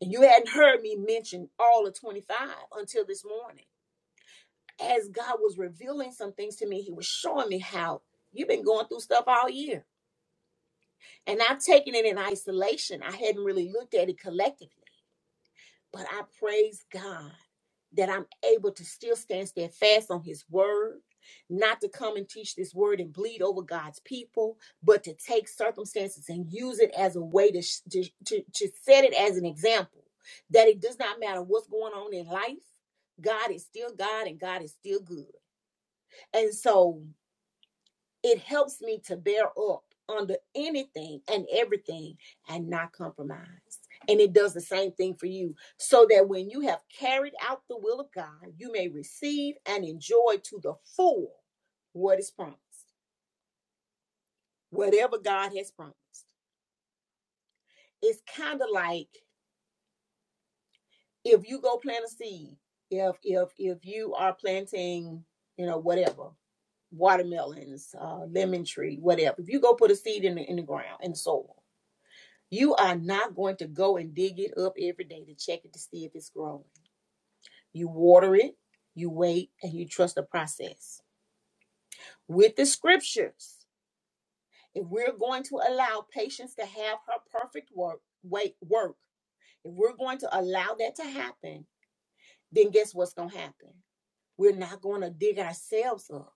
And you hadn't heard me mention all of 25 until this morning. As God was revealing some things to me, He was showing me how you've been going through stuff all year. And I've taken it in isolation. I hadn't really looked at it collectively. But I praise God that I'm able to still stand steadfast on His word, not to come and teach this word and bleed over God's people, but to take circumstances and use it as a way to, to, to, to set it as an example that it does not matter what's going on in life, God is still God and God is still good. And so it helps me to bear up under anything and everything and not compromise. And it does the same thing for you, so that when you have carried out the will of God, you may receive and enjoy to the full what is promised, whatever God has promised. It's kind of like if you go plant a seed, if if if you are planting, you know, whatever, watermelons, uh, lemon tree, whatever. If you go put a seed in the in the ground in the soil, You are not going to go and dig it up every day to check it to see if it's growing. You water it, you wait, and you trust the process. With the scriptures, if we're going to allow patience to have her perfect work, wait, work, if we're going to allow that to happen, then guess what's going to happen? We're not going to dig ourselves up.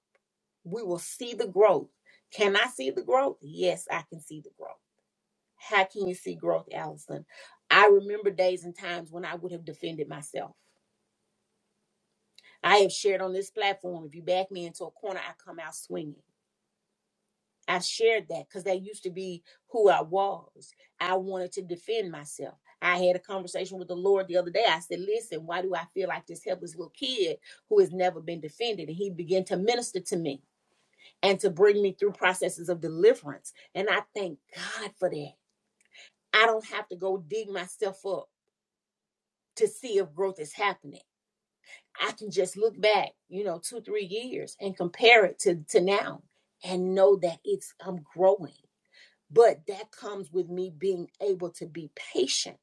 We will see the growth. Can I see the growth? Yes, I can see the growth. How can you see growth, Allison? I remember days and times when I would have defended myself. I have shared on this platform if you back me into a corner, I come out swinging. I shared that because that used to be who I was. I wanted to defend myself. I had a conversation with the Lord the other day. I said, Listen, why do I feel like this helpless little kid who has never been defended? And he began to minister to me and to bring me through processes of deliverance. And I thank God for that. I don't have to go dig myself up. to see if growth is happening. I can just look back, you know, two, three years and compare it to, to now and know that it's I'm growing. But that comes with me being able to be patient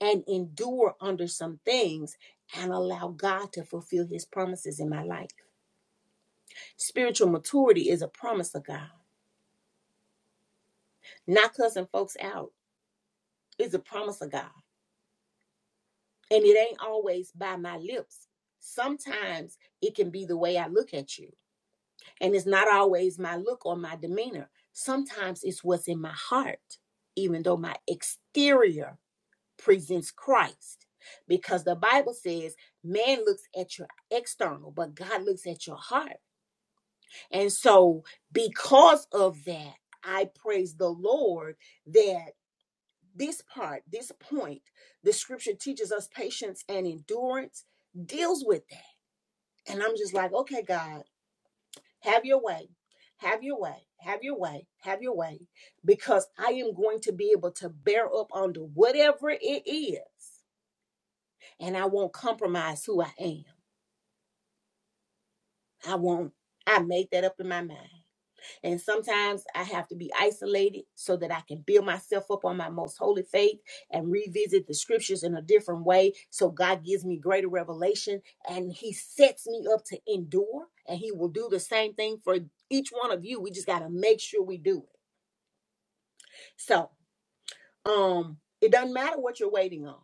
and endure under some things and allow God to fulfill his promises in my life. Spiritual maturity is a promise of God. Not cussing folks out is a promise of God. And it ain't always by my lips. Sometimes it can be the way I look at you And it's not always my look or my demeanor. Sometimes it's what's in my heart, even though my exterior presents Christ. Because the Bible says man looks at your external, but God looks at your heart. And so, because of that, I praise the Lord that this part, this point, the scripture teaches us patience and endurance deals with that. And I'm just like, okay, God Have your way. Have your way. Have your way. Have your way. Because I am going to be able to bear up under whatever it is. And I won't compromise who I am. I won't. I made that up in my mind. And sometimes I have to be isolated so that I can build myself up on my most holy faith and revisit the scriptures in a different way. So God gives me greater revelation and He sets me up to endure. And He will do the same thing for each one of you. We just got to make sure we do it. So, um, it doesn't matter what you're waiting on.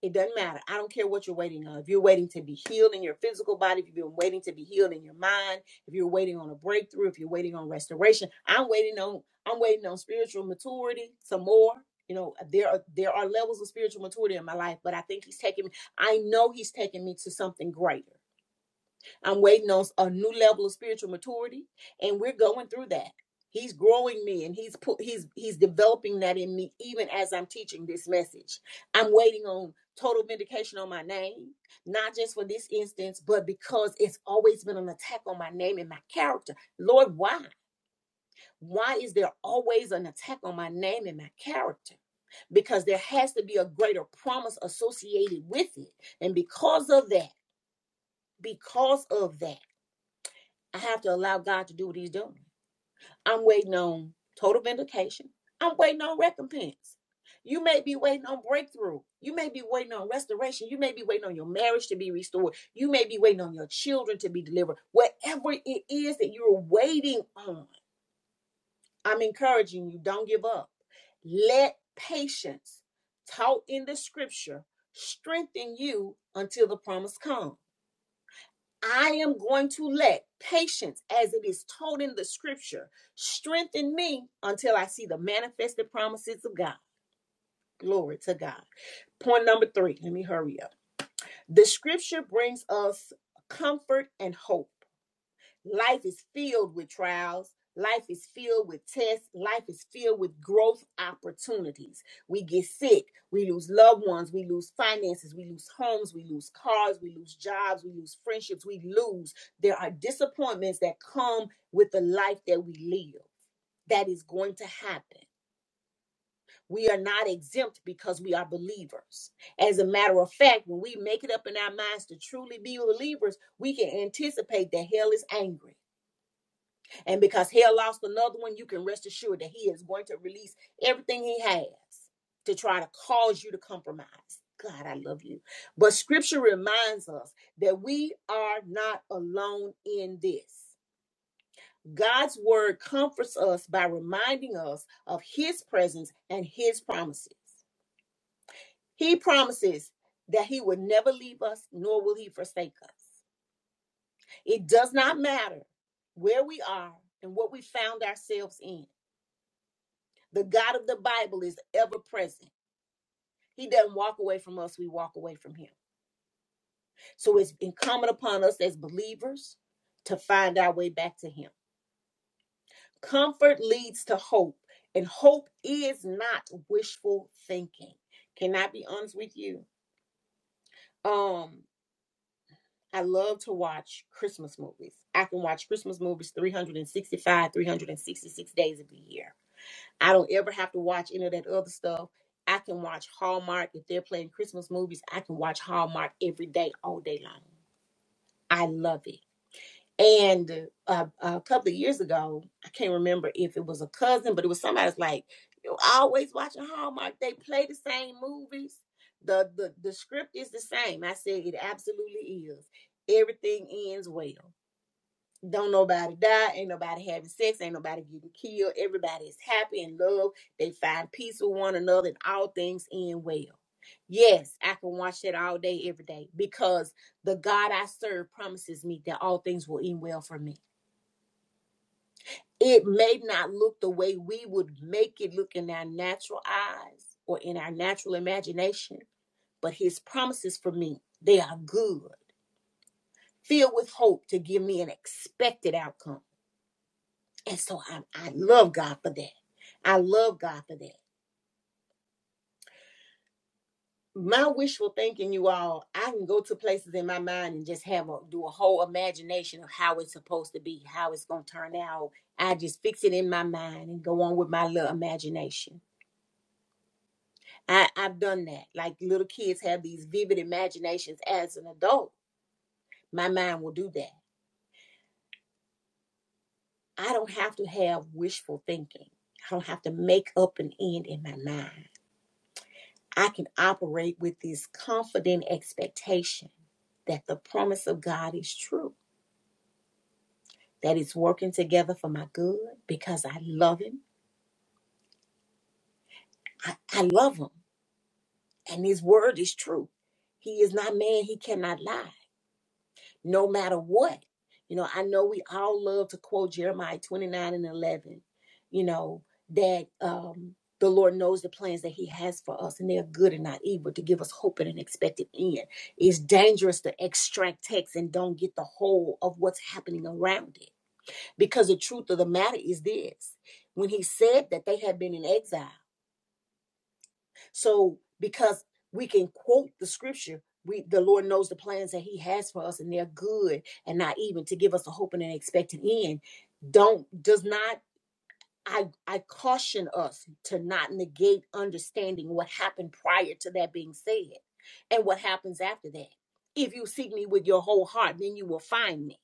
It doesn't matter. I don't care what you're waiting on. If you're waiting to be healed in your physical body, if you've been waiting to be healed in your mind, if you're waiting on a breakthrough, if you're waiting on restoration, I'm waiting on I'm waiting on spiritual maturity some more. You know, there are there are levels of spiritual maturity in my life, but I think he's taking me, I know he's taking me to something greater. I'm waiting on a new level of spiritual maturity, and we're going through that. He's growing me, and he's put he's he's developing that in me, even as I'm teaching this message. I'm waiting on total vindication on my name, not just for this instance, but because it's always been an attack on my name and my character. Lord, why? Why is there always an attack on my name and my character? Because there has to be a greater promise associated with it, and because of that, because of that. I have to allow God to do what He's doing. I'm waiting on total vindication. I'm waiting on recompense. You may be waiting on breakthrough. You may be waiting on restoration. You may be waiting on your marriage to be restored. You may be waiting on your children to be delivered. Whatever it is that you're waiting on, I'm encouraging you don't give up. Let patience, taught in the scripture, strengthen you until the promise comes. I am going to let patience, as it is told in the scripture, strengthen me until I see the manifested promises of God. Glory to God. Point number three. Let me hurry up. The scripture brings us comfort and hope. Life is filled with trials. Life is filled with tests. Life is filled with growth opportunities. We get sick. We lose loved ones. We lose finances. We lose homes. We lose cars. We lose jobs. We lose friendships. We lose. There are disappointments that come with the life that we live. That is going to happen. We are not exempt because we are believers. As a matter of fact, when we make it up in our minds to truly be believers, we can anticipate that hell is angry and because hell lost another one, you can rest assured that he is going to release everything he has to try to cause you to compromise. God, I love you. But scripture reminds us that we are not alone in this. God's word comforts us by reminding us of his presence and his promises. He promises that he would never leave us, nor will he forsake us. It does not matter where we are and what we found ourselves in. The God of the Bible is ever present. He doesn't walk away from us, we walk away from him. So it's incumbent upon us as believers to find our way back to him. Comfort leads to hope, and hope is not wishful thinking. Can I be honest with you? Um, I love to watch Christmas movies. I can watch Christmas movies 365, 366 days of the year. I don't ever have to watch any of that other stuff. I can watch Hallmark. If they're playing Christmas movies, I can watch Hallmark every day, all day long. I love it. And uh, a couple of years ago, I can't remember if it was a cousin, but it was somebody's like, you are always watching Hallmark. They play the same movies. The, the the script is the same. I said it absolutely is. Everything ends well. Don't nobody die. Ain't nobody having sex. Ain't nobody getting killed. Everybody is happy and love. They find peace with one another and all things end well. Yes, I can watch that all day, every day, because the God I serve promises me that all things will end well for me. It may not look the way we would make it look in our natural eyes or in our natural imagination, but His promises for me, they are good, filled with hope to give me an expected outcome. And so I, I love God for that. I love God for that. My wishful thinking, you all, I can go to places in my mind and just have a do a whole imagination of how it's supposed to be, how it's gonna turn out. I just fix it in my mind and go on with my little imagination. I, I've done that. Like little kids have these vivid imaginations as an adult. My mind will do that. I don't have to have wishful thinking. I don't have to make up an end in my mind. I can operate with this confident expectation that the promise of God is true, that it's working together for my good because I love Him. I, I love Him, and His word is true. He is not man, He cannot lie. no matter what. You know, I know we all love to quote Jeremiah 29 and 11, you know, that um, the Lord knows the plans that He has for us, and they are good and not evil to give us hope and an expected end. It's dangerous to extract text and don't get the whole of what's happening around it. Because the truth of the matter is this when He said that they had been in exile, so because we can quote the scripture, we the Lord knows the plans that He has for us, and they're good and not even to give us a hope and an expected end. Don't does not I I caution us to not negate understanding what happened prior to that being said and what happens after that. If you seek me with your whole heart, then you will find me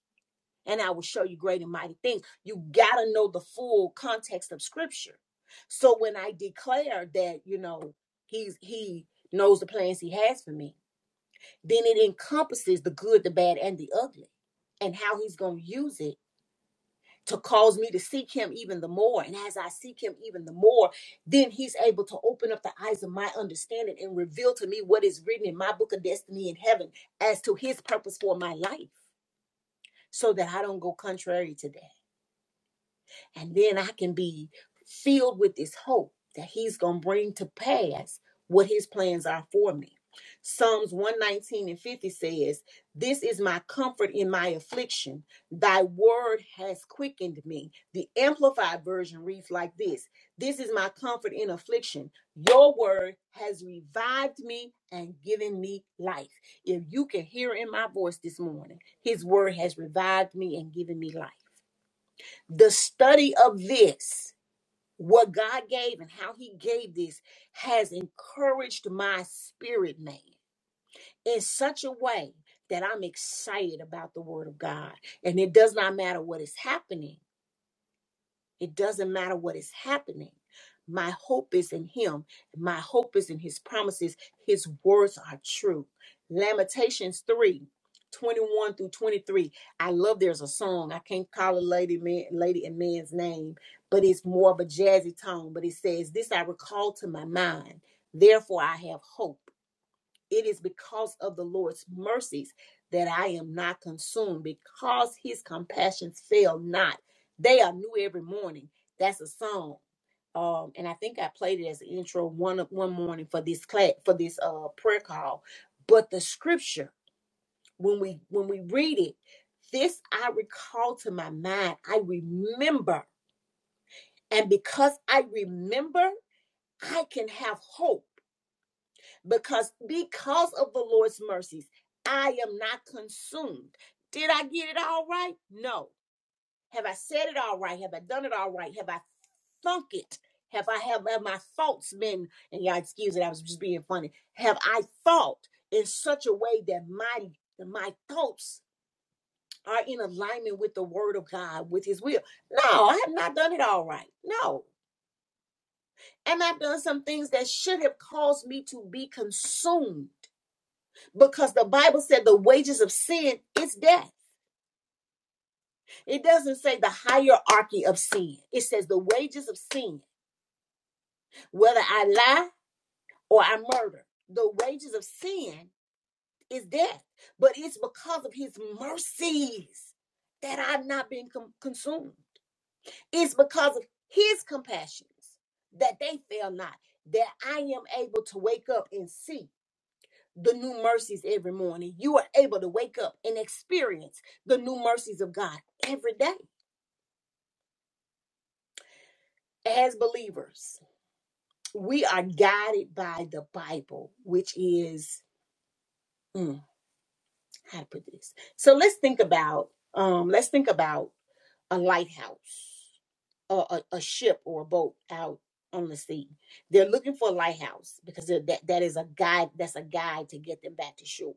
and I will show you great and mighty things. You got to know the full context of scripture. So when I declare that, you know, he's he knows the plans he has for me, then it encompasses the good, the bad and the ugly and how he's going to use it to cause me to seek him even the more. And as I seek him even the more, then he's able to open up the eyes of my understanding and reveal to me what is written in my book of destiny in heaven as to his purpose for my life so that I don't go contrary to that. And then I can be filled with this hope that He's going to bring to pass what His plans are for me. Psalms 119 and 50 says, This is my comfort in my affliction. Thy word has quickened me. The Amplified Version reads like this This is my comfort in affliction. Your word has revived me and given me life. If you can hear in my voice this morning, His word has revived me and given me life the study of this, what God gave and how He gave this, has encouraged my spirit man in such a way that I'm excited about the Word of God. And it does not matter what is happening, it doesn't matter what is happening. My hope is in him. My hope is in his promises. His words are true. Lamentations 3, 21 through 23. I love there's a song. I can't call a lady man, lady and man's name, but it's more of a jazzy tone. But it says, This I recall to my mind. Therefore I have hope. It is because of the Lord's mercies that I am not consumed, because his compassions fail not. They are new every morning. That's a song. Um, and I think I played it as an intro one one morning for this class for this uh prayer call. But the scripture, when we when we read it, this I recall to my mind. I remember, and because I remember, I can have hope because because of the Lord's mercies, I am not consumed. Did I get it all right? No. Have I said it all right? Have I done it all right? Have I thunk it? Have I have, have my thoughts been and y'all excuse it, I was just being funny. Have I thought in such a way that my that my thoughts are in alignment with the word of God, with his will? No, I have not done it all right. No. And I've done some things that should have caused me to be consumed because the Bible said the wages of sin is death. It doesn't say the hierarchy of sin. It says the wages of sin, whether I lie or I murder, the wages of sin is death. But it's because of his mercies that I've not been com- consumed. It's because of his compassions that they fail not, that I am able to wake up and see the new mercies every morning. You are able to wake up and experience the new mercies of God every day. As believers, we are guided by the Bible, which is mm, how to put this. So let's think about um, let's think about a lighthouse or a, a ship or a boat out on the sea. They're looking for a lighthouse because they're- that that is a guide. That's a guide to get them back to shore.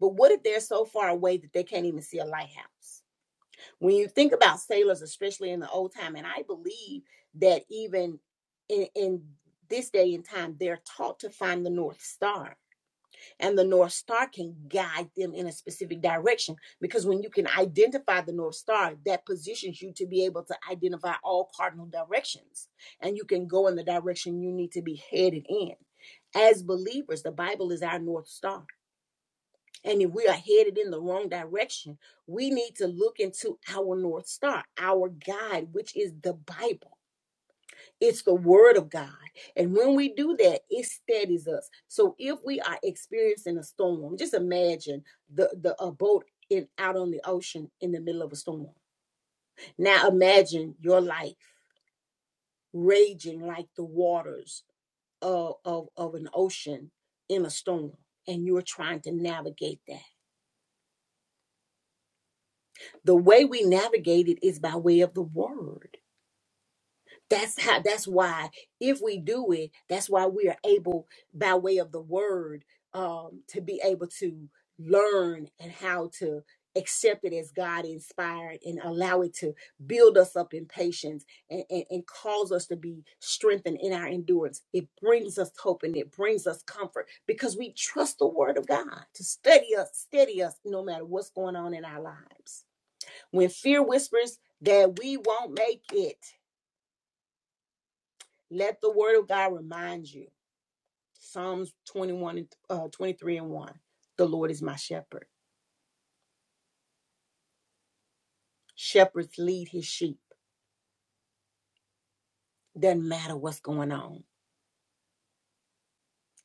But what if they're so far away that they can't even see a lighthouse? When you think about sailors, especially in the old time, and I believe that even in, in this day and time, they're taught to find the North Star, and the North Star can guide them in a specific direction. Because when you can identify the North Star, that positions you to be able to identify all cardinal directions, and you can go in the direction you need to be headed in. As believers, the Bible is our North Star and if we are headed in the wrong direction, we need to look into our North Star, our guide, which is the Bible. It's the Word of God. And when we do that, it steadies us. So if we are experiencing a storm, just imagine the, the a boat in out on the ocean in the middle of a storm. Now imagine your life raging like the waters of, of, of an ocean in a storm, and you're trying to navigate that The way we navigate it is by way of the word. That's how that's why if we do it, that's why we are able by way of the word um to be able to learn and how to accept it as God inspired and allow it to build us up in patience and, and, and cause us to be strengthened in our endurance. It brings us hope and it brings us comfort because we trust the word of God to steady us, steady us no matter what's going on in our lives. When fear whispers that we won't make it, let the word of God remind you. Psalms 21 and uh, 23 and 1. The Lord is my shepherd. Shepherds lead his sheep. Doesn't matter what's going on,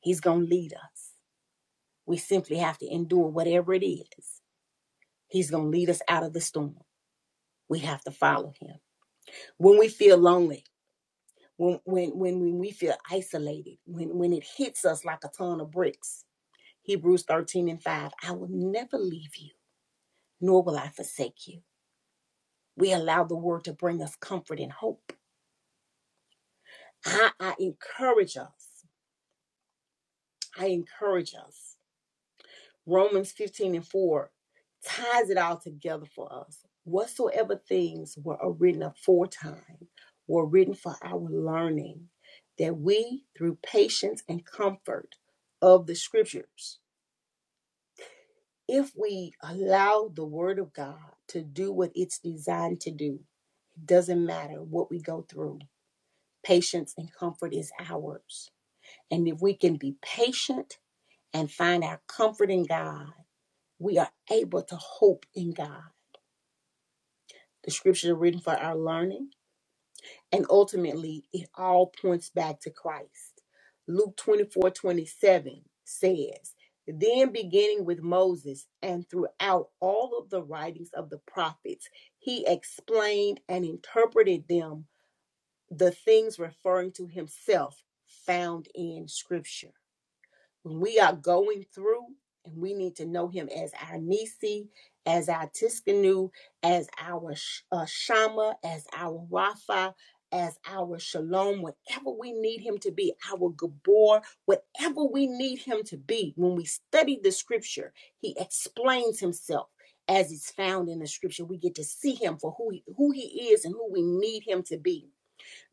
he's going to lead us. We simply have to endure whatever it is. He's going to lead us out of the storm. We have to follow him. When we feel lonely, when, when, when, when we feel isolated, when, when it hits us like a ton of bricks, Hebrews 13 and 5, I will never leave you nor will I forsake you. We allow the word to bring us comfort and hope. I, I encourage us. I encourage us. Romans 15 and 4 ties it all together for us. Whatsoever things were written aforetime were written for our learning, that we, through patience and comfort of the scriptures, if we allow the word of God to do what it's designed to do, it doesn't matter what we go through Patience and comfort is ours. And if we can be patient and find our comfort in God, we are able to hope in God. The scriptures are written for our learning, and ultimately, it all points back to Christ. Luke 24 27 says, Then beginning with Moses and throughout all of the writings of the prophets, he explained and interpreted them the things referring to himself found in scripture. we are going through and we need to know him as our Nisi, as our Tiskanu, as our uh, Shama, as our Rapha, as our Shalom, whatever we need him to be, our Gabor, whatever we need him to be. When we study the scripture, he explains himself as it's found in the scripture. We get to see him for who he, who he is and who we need him to be.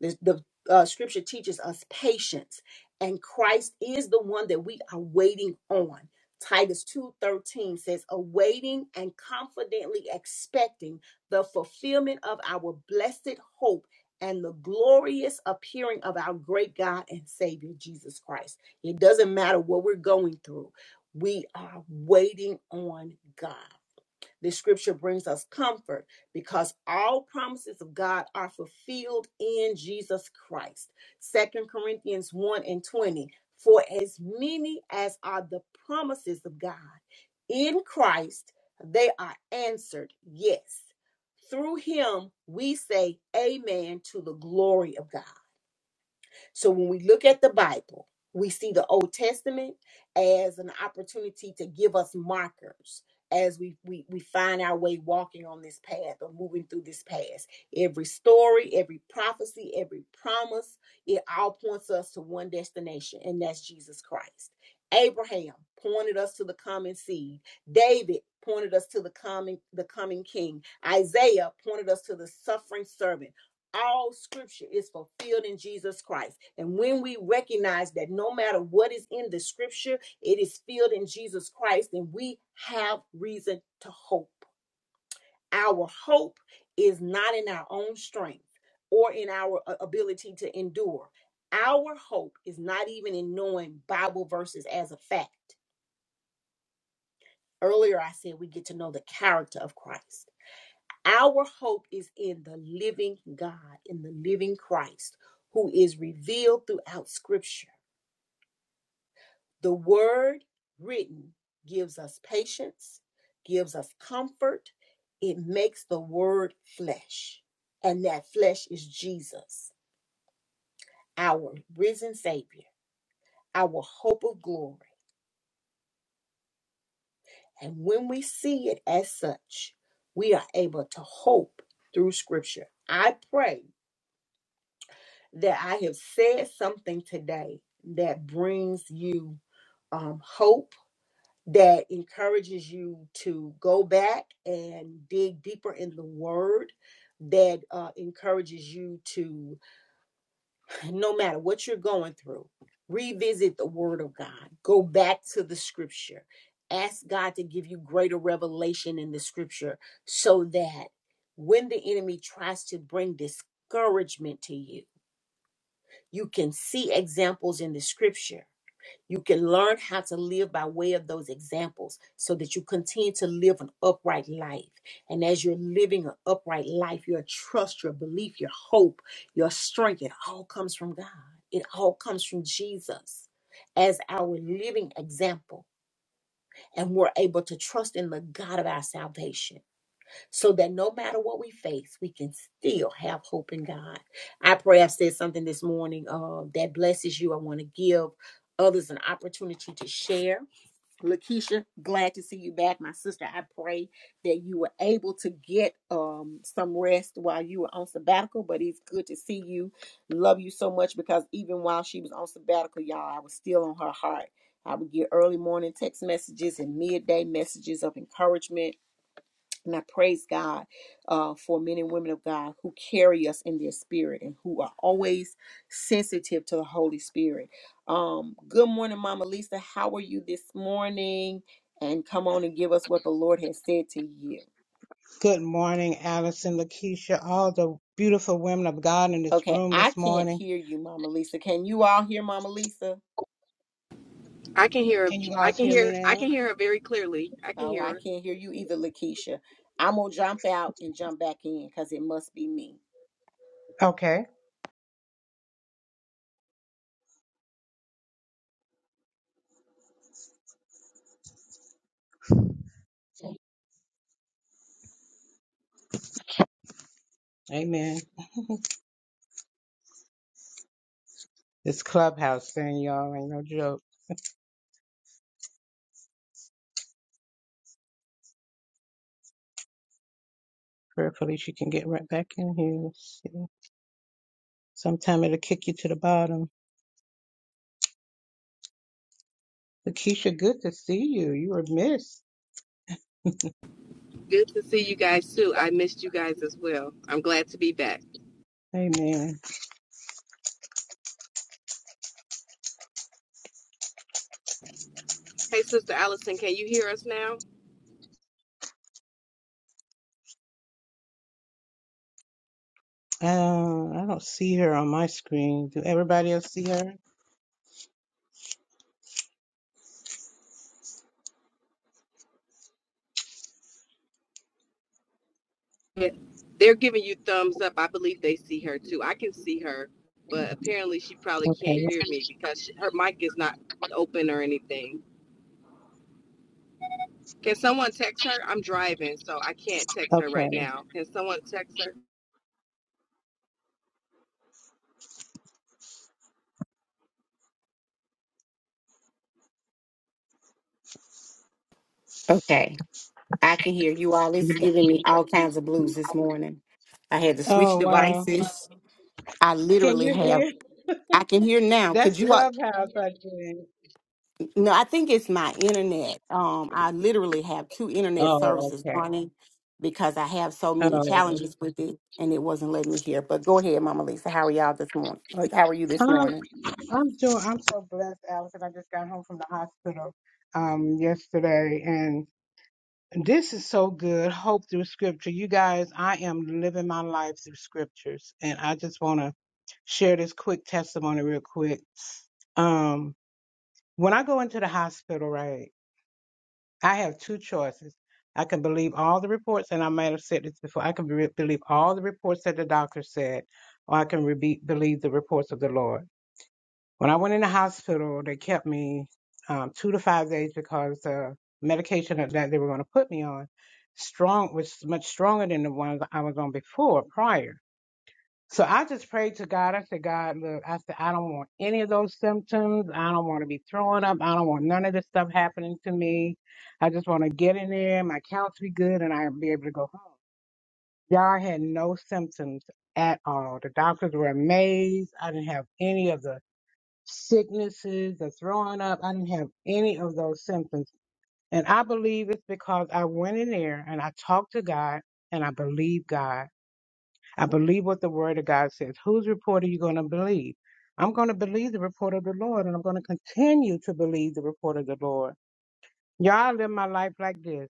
The, the uh, scripture teaches us patience, and Christ is the one that we are waiting on. Titus 2:13 says awaiting and confidently expecting the fulfillment of our blessed hope and the glorious appearing of our great God and Savior Jesus Christ. It doesn't matter what we're going through. We are waiting on God. This scripture brings us comfort because all promises of God are fulfilled in Jesus Christ. Second Corinthians 1 and 20. For as many as are the promises of God in Christ, they are answered yes. Through him, we say amen to the glory of God. So when we look at the Bible, we see the Old Testament as an opportunity to give us markers as we, we we find our way walking on this path or moving through this path. Every story, every prophecy, every promise, it all points us to one destination, and that's Jesus Christ. Abraham pointed us to the common seed. David pointed us to the coming the coming king. Isaiah pointed us to the suffering servant all scripture is fulfilled in Jesus Christ. And when we recognize that no matter what is in the scripture, it is filled in Jesus Christ, then we have reason to hope. Our hope is not in our own strength or in our uh, ability to endure. Our hope is not even in knowing Bible verses as a fact. Earlier, I said we get to know the character of Christ. Our hope is in the living God, in the living Christ, who is revealed throughout Scripture. The word written gives us patience, gives us comfort. It makes the word flesh. And that flesh is Jesus, our risen Savior, our hope of glory. And when we see it as such, we are able to hope through Scripture. I pray that I have said something today that brings you um, hope that encourages you to go back and dig deeper in the word that uh, encourages you to no matter what you're going through revisit the word of god go back to the scripture ask god to give you greater revelation in the scripture so that when the enemy tries to bring discouragement to you you can see examples in the scripture you can learn how to live by way of those examples so that you continue to live an upright life. And as you're living an upright life, your trust, your belief, your hope, your strength, it all comes from God. It all comes from Jesus as our living example. And we're able to trust in the God of our salvation so that no matter what we face, we can still have hope in God. I pray I said something this morning uh, that blesses you. I want to give others an opportunity to share. Lakeisha, glad to see you back. My sister, I pray that you were able to get um, some rest while you were on sabbatical, but it's good to see you. Love you so much because even while she was on sabbatical, y'all, I was still on her heart. I would get early morning text messages and midday messages of encouragement and I praise God uh, for men and women of God who carry us in their spirit and who are always sensitive to the Holy Spirit. Um, good morning, Mama Lisa. How are you this morning? And come on and give us what the Lord has said to you.
Good morning, Allison, Lakeisha, all the beautiful women of God in this
Okay,
room
I
this
can't
morning.
hear you, Mama Lisa. Can you all hear Mama Lisa?
I can hear her.
Can you all
I can
hear me
hear. I
now?
can hear her very clearly. I can
Oh,
hear
I
her.
can't hear you either, Lakeisha. I'm going to jump out and jump back in because it must be me.
Okay. Amen. This clubhouse thing, y'all, ain't no joke. Prayerfully, she can get right back in here. Let's see. Sometime it'll kick you to the bottom. Lakeisha, good to see you. You were missed.
Good to see you guys too. I missed you guys as well. I'm glad to be back.
Amen.
Hey, Sister Allison, can you hear us now?
Uh, I don't see her on my screen. Do everybody else see her?
Yeah. They're giving you thumbs up. I believe they see her too. I can see her, but apparently she probably can't
Okay.
hear me because she, her mic is not open or anything. Can someone text her? I'm driving, so I can't text her right
Okay.
now. Can someone text her?
I can hear you all. It's giving me all kinds of blues this morning. I had to switch
Oh, wow.
devices. I
Can
literally
you
have.
hear?
I can hear now.
That's
Could you? all-
clubhouse, I think.
No, I think it's my internet. Um, I literally have two internet
Oh,
services
okay.
running because I have so
Oh,
many challenges with it, and it wasn't letting me hear. But go ahead, Mama Lisa. How are y'all this morning? Like, How are you this
um,
morning?
I'm doing. I'm so blessed, Allison. I just got home from the hospital um yesterday, and this is so good. Hope through Scripture, you guys. I am living my life through Scriptures, and I just want to share this quick testimony, real quick. Um, when I go into the hospital, right, I have two choices. I can believe all the reports, and I might have said this before. I can be- believe all the reports that the doctor said, or I can re- believe the reports of the Lord. When I went in the hospital, they kept me um, two to five days because the medication that that they were going to put me on strong was much stronger than the ones I was on before prior. So I just prayed to God. I said, God, look, I said, I don't want any of those symptoms. I don't want to be throwing up. I don't want none of this stuff happening to me. I just want to get in there, my counts be good, and I'll be able to go home. Y'all had no symptoms at all. The doctors were amazed. I didn't have any of the sicknesses or throwing up. I didn't have any of those symptoms. And I believe it's because I went in there and I talked to God and I believe God. I believe what the word of God says. Whose report are you going to believe? I'm going to believe the report of the Lord and I'm going to continue to believe the report of the Lord. Y'all I live my life like this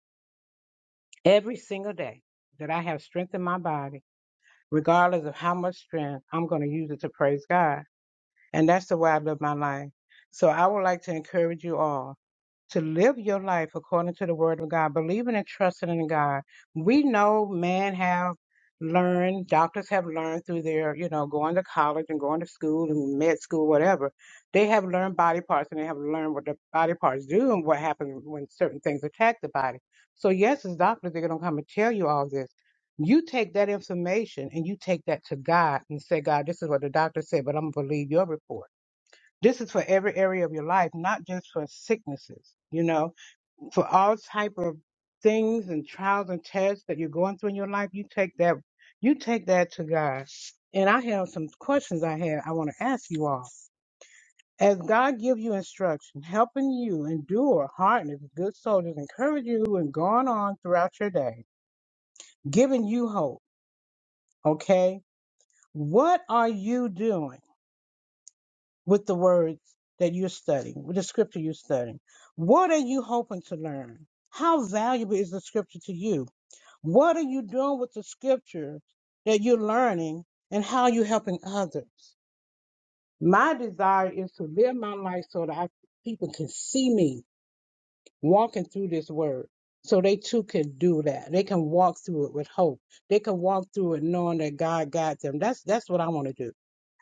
every single day that I have strength in my body, regardless of how much strength, I'm going to use it to praise God. And that's the way I live my life. So I would like to encourage you all. to live your life according to the word of God, believing and trusting in God. We know men have learned, doctors have learned through their, you know, going to college and going to school and med school, whatever. They have learned body parts and they have learned what the body parts do and what happens when certain things attack the body. So yes, as doctors, they're gonna come and tell you all this. You take that information and you take that to God and say, God, this is what the doctor said, but I'm gonna believe your report. This is for every area of your life, not just for sicknesses, you know, for all type of things and trials and tests that you're going through in your life, you take that you take that to God. And I have some questions I have I want to ask you all. As God give you instruction, helping you endure hardness, good soldiers encourage you and going on throughout your day, giving you hope, okay? What are you doing? with the words that you're studying, with the scripture you're studying. What are you hoping to learn? How valuable is the scripture to you? What are you doing with the scripture that you're learning and how are you helping others? My desire is to live my life so that I, people can see me walking through this word. So they too can do that. They can walk through it with hope. They can walk through it knowing that God got them. That's that's what I want to do.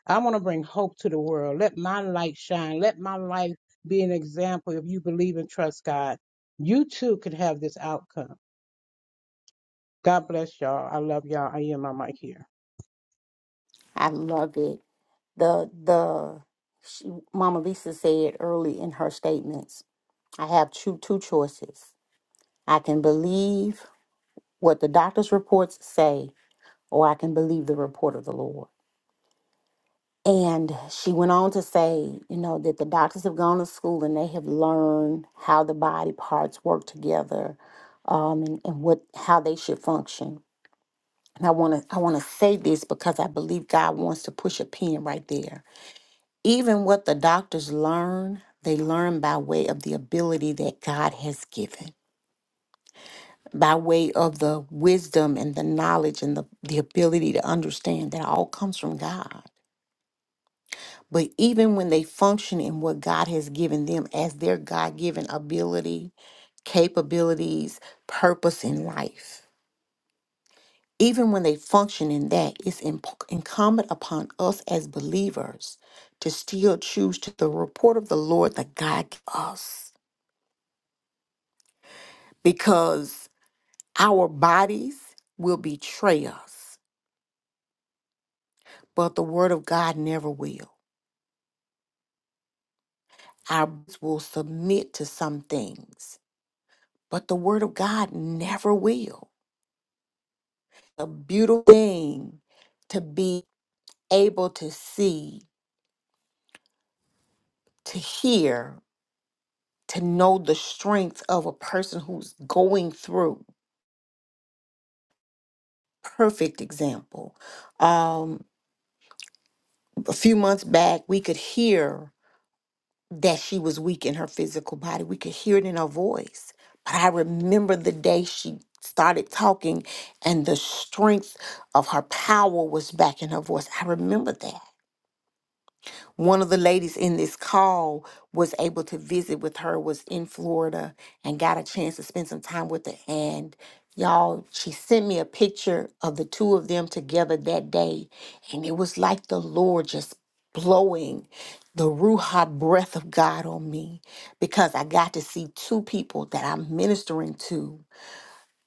I want to bring hope to the world. Let my light shine. Let my life be an example. If you believe and trust God, you too could have this outcome. God bless y'all. I love y'all. I am my mic here.
I love it. the the she, Mama Lisa said early in her statements, I have two two choices. I can believe what the doctor's reports say, or I can believe the report of the Lord. And she went on to say, you know, that the doctors have gone to school and they have learned how the body parts work together, um, and, and what how they should function. And I wanna I wanna say this because I believe God wants to push a pin right there Even what the doctors learn, they learn by way of the ability that God has given, by way of the wisdom and the knowledge and the, the ability to understand that all comes from God. But even when they function in what God has given them as their God given ability, capabilities, purpose in life, even when they function in that, it's imp- incumbent upon us as believers to still choose to the report of the Lord that God gives us. because our bodies will betray us, but the word of God never will. Our bodies will submit to some things, but the word of God never will. A beautiful thing to be able to see, to hear, to know the strength of a person who's going through. Perfect example. Um, a few months back, we could hear that she was weak in her physical body. We could hear it in her voice. But I remember the day she started talking and the strength of her power was back in her voice. I remember that one of the ladies in this call was able to visit with her was in florida and got a chance to spend some time with her and y'all she sent me a picture of the two of them together that day and it was like the lord just blowing the ruha breath of god on me because i got to see two people that i'm ministering to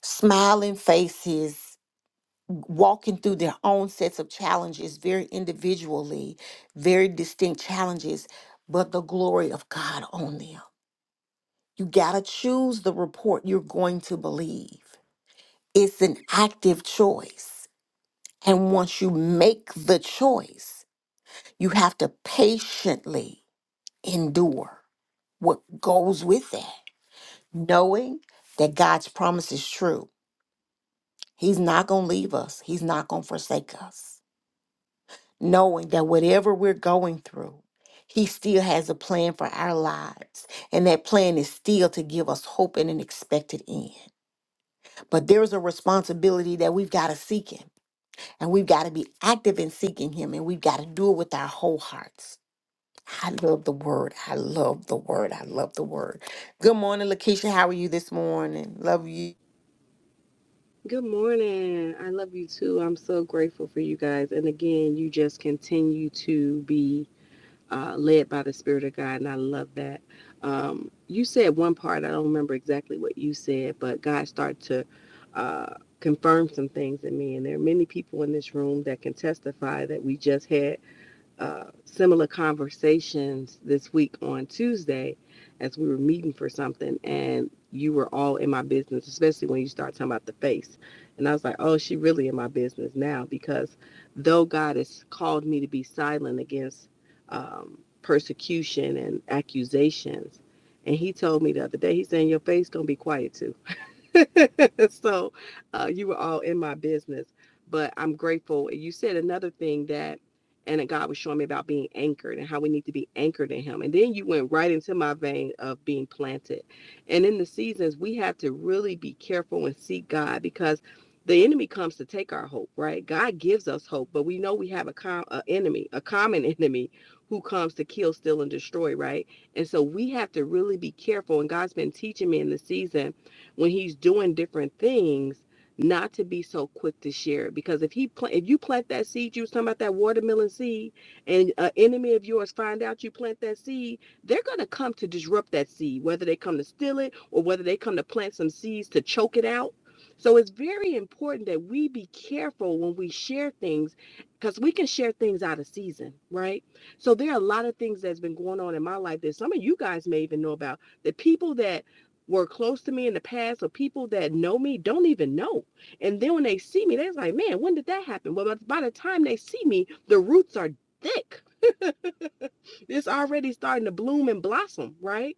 smiling faces walking through their own sets of challenges very individually, very distinct challenges, but the glory of God on them. You got to choose the report you're going to believe. It's an active choice. And once you make the choice, you have to patiently endure what goes with that, knowing that God's promise is true. He's not going to leave us, He's not going to forsake us. knowing that whatever we're going through, He still has a plan for our lives. And that plan is still to give us hope and an expected end. But there's a responsibility that we've got to seek Him. And we've got to be active in seeking Him. And we've got to do it with our whole hearts. I love the word. I love the word. I love the word. Good morning, Lakeisha. How are you this morning? Love you.
Good morning. I love you too. I'm so grateful for you guys. And again, you just continue to be uh, led by the Spirit of God, and I love that. Um, you said one part, I don't remember exactly what you said, but God started to uh, confirm some things in me. And there are many people in this room that can testify that we just had uh, similar conversations this week on Tuesday as we were meeting for something and you were all in my business, especially when you start talking about the face. And I was like, oh, she really in my business now because though God has called me to be silent against um, persecution and accusations, and he told me the other day, he's saying your face gonna be quiet too so uh, you were all in my business, but I'm grateful. You said another thing that, and God was showing me about being anchored and how we need to be anchored in Him. And then you went right into my vein of being planted. And in the seasons, we have to really be careful and seek God because the enemy comes to take our hope, right? God gives us hope, but we know we have a, com- a enemy, a common enemy who comes to kill, steal, and destroy, right? And so we have to really be careful. And God's been teaching me in the season when he's doing different things not to be so quick to share it because if he plant if you plant that seed you was talking about that watermelon seed and an enemy of yours find out you plant that seed they're going to come to disrupt that seed whether they come to steal it or whether they come to plant some seeds to choke it out so it's very important that we be careful when we share things because we can share things out of season right so there are a lot of things that's been going on in my life that some of you guys may even know about the people that were close to me in the past or people that know me don't even know. And then when they see me, they're like, man, when did that happen? Well, by the time they see me, the roots are thick. It's already starting to bloom and blossom, right?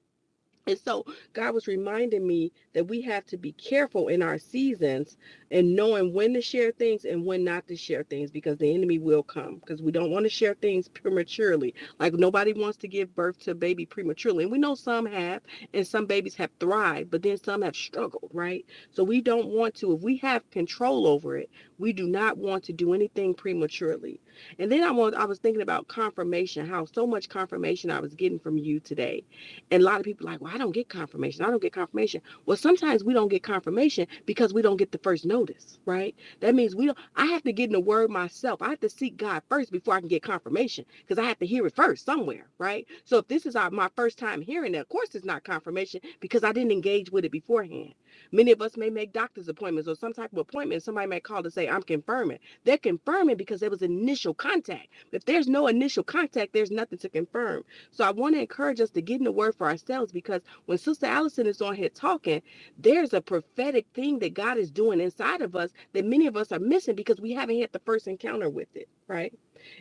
And so God was reminding me that we have to be careful in our seasons and knowing when to share things and when not to share things because the enemy will come because we don't want to share things prematurely. Like nobody wants to give birth to a baby prematurely. And we know some have and some babies have thrived, but then some have struggled, right? So we don't want to, if we have control over it, we do not want to do anything prematurely. And then I was I was thinking about confirmation, how so much confirmation I was getting from you today and a lot of people are like, well, I don't get confirmation. I don't get confirmation. Well, sometimes we don't get confirmation because we don't get the first notice, right? That means we don't I have to get in the word myself. I have to seek God first before I can get confirmation because I have to hear it first somewhere, right? So if this is our, my first time hearing it, of course it's not confirmation because I didn't engage with it beforehand. Many of us may make doctor's appointments or some type of appointment. Somebody may call to say, I'm confirming. They're confirming because there was initial contact. If there's no initial contact, there's nothing to confirm. So I want to encourage us to get in the word for ourselves because when Sister Allison is on here talking, there's a prophetic thing that God is doing inside of us that many of us are missing because we haven't had the first encounter with it, right?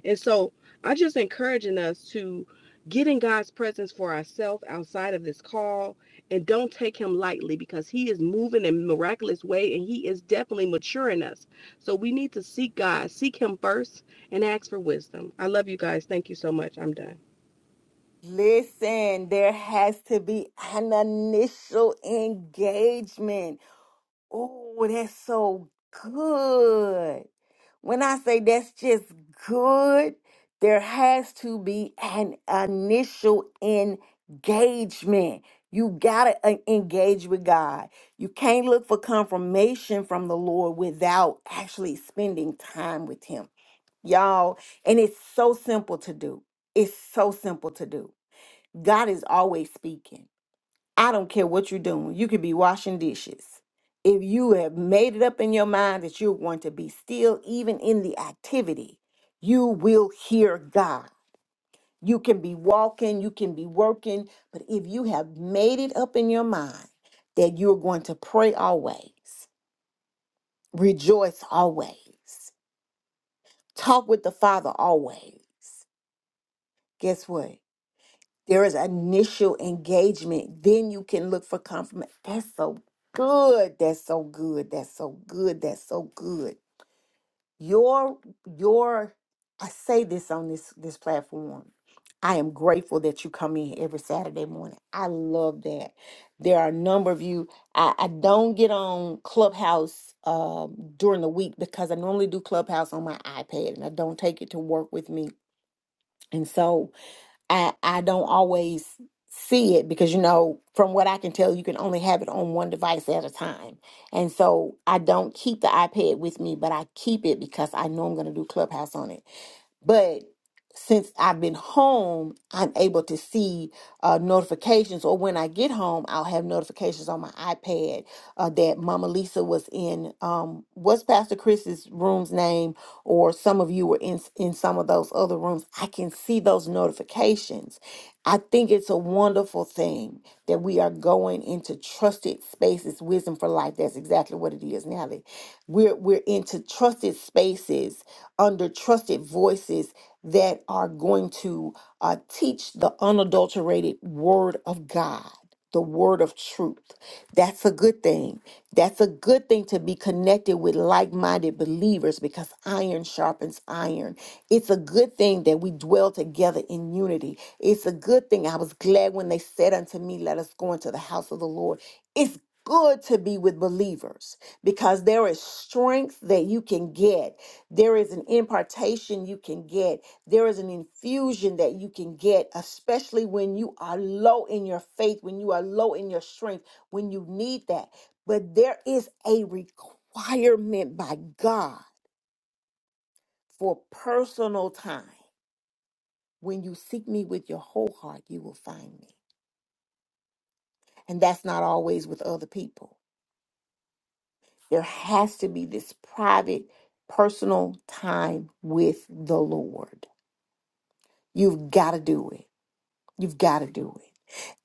And so I'm just encouraging us to get in God's presence for ourselves outside of this call and don't take him lightly because he is moving in a miraculous way and he is definitely maturing us. So we need to seek God, seek him first and ask for wisdom. I love you guys. Thank you so much. I'm done.
Listen, there has to be an initial engagement. Oh, that's so good. When I say that's just good, there has to be an initial engagement. You got to engage with God. You can't look for confirmation from the Lord without actually spending time with Him. Y'all, and it's so simple to do. It's so simple to do. God is always speaking. I don't care what you're doing. You could be washing dishes. If you have made it up in your mind that you're going to be still, even in the activity, you will hear God. You can be walking, you can be working, but if you have made it up in your mind that you're going to pray always, rejoice always, talk with the Father always, guess what? There is initial engagement. Then you can look for confirmation. That's so good. That's so good. That's so good. That's so good. Your your I say this on this this platform. I am grateful that you come in every Saturday morning. I love that. There are a number of you. I, I don't get on Clubhouse um, during the week because I normally do Clubhouse on my iPad and I don't take it to work with me. And so I I don't always see it because you know from what I can tell you can only have it on one device at a time. And so I don't keep the iPad with me, but I keep it because I know I'm going to do Clubhouse on it. But since I've been home, I'm able to see uh, notifications, or when I get home, I'll have notifications on my iPad uh, that Mama Lisa was in. Um, what's Pastor Chris's room's name? Or some of you were in in some of those other rooms. I can see those notifications. I think it's a wonderful thing that we are going into trusted spaces. Wisdom for life. That's exactly what it is, Natalie. We're we're into trusted spaces under trusted voices that are going to uh, teach the unadulterated word of God, the word of truth. That's a good thing. That's a good thing to be connected with like minded believers because iron sharpens iron. It's a good thing that we dwell together in unity. It's a good thing. I was glad when they said unto me, Let us go into the house of the Lord. It's good to be with believers because there is strength that you can get. There is an impartation you can get. There is an infusion that you can get, especially when you are low in your faith, when you are low in your strength, when you need that. But there is a requirement by God for personal time. When you seek me with your whole heart, you will find me. And that's not always with other people There has to be this private, personal time with the Lord. You've got to do it. You've got to do it.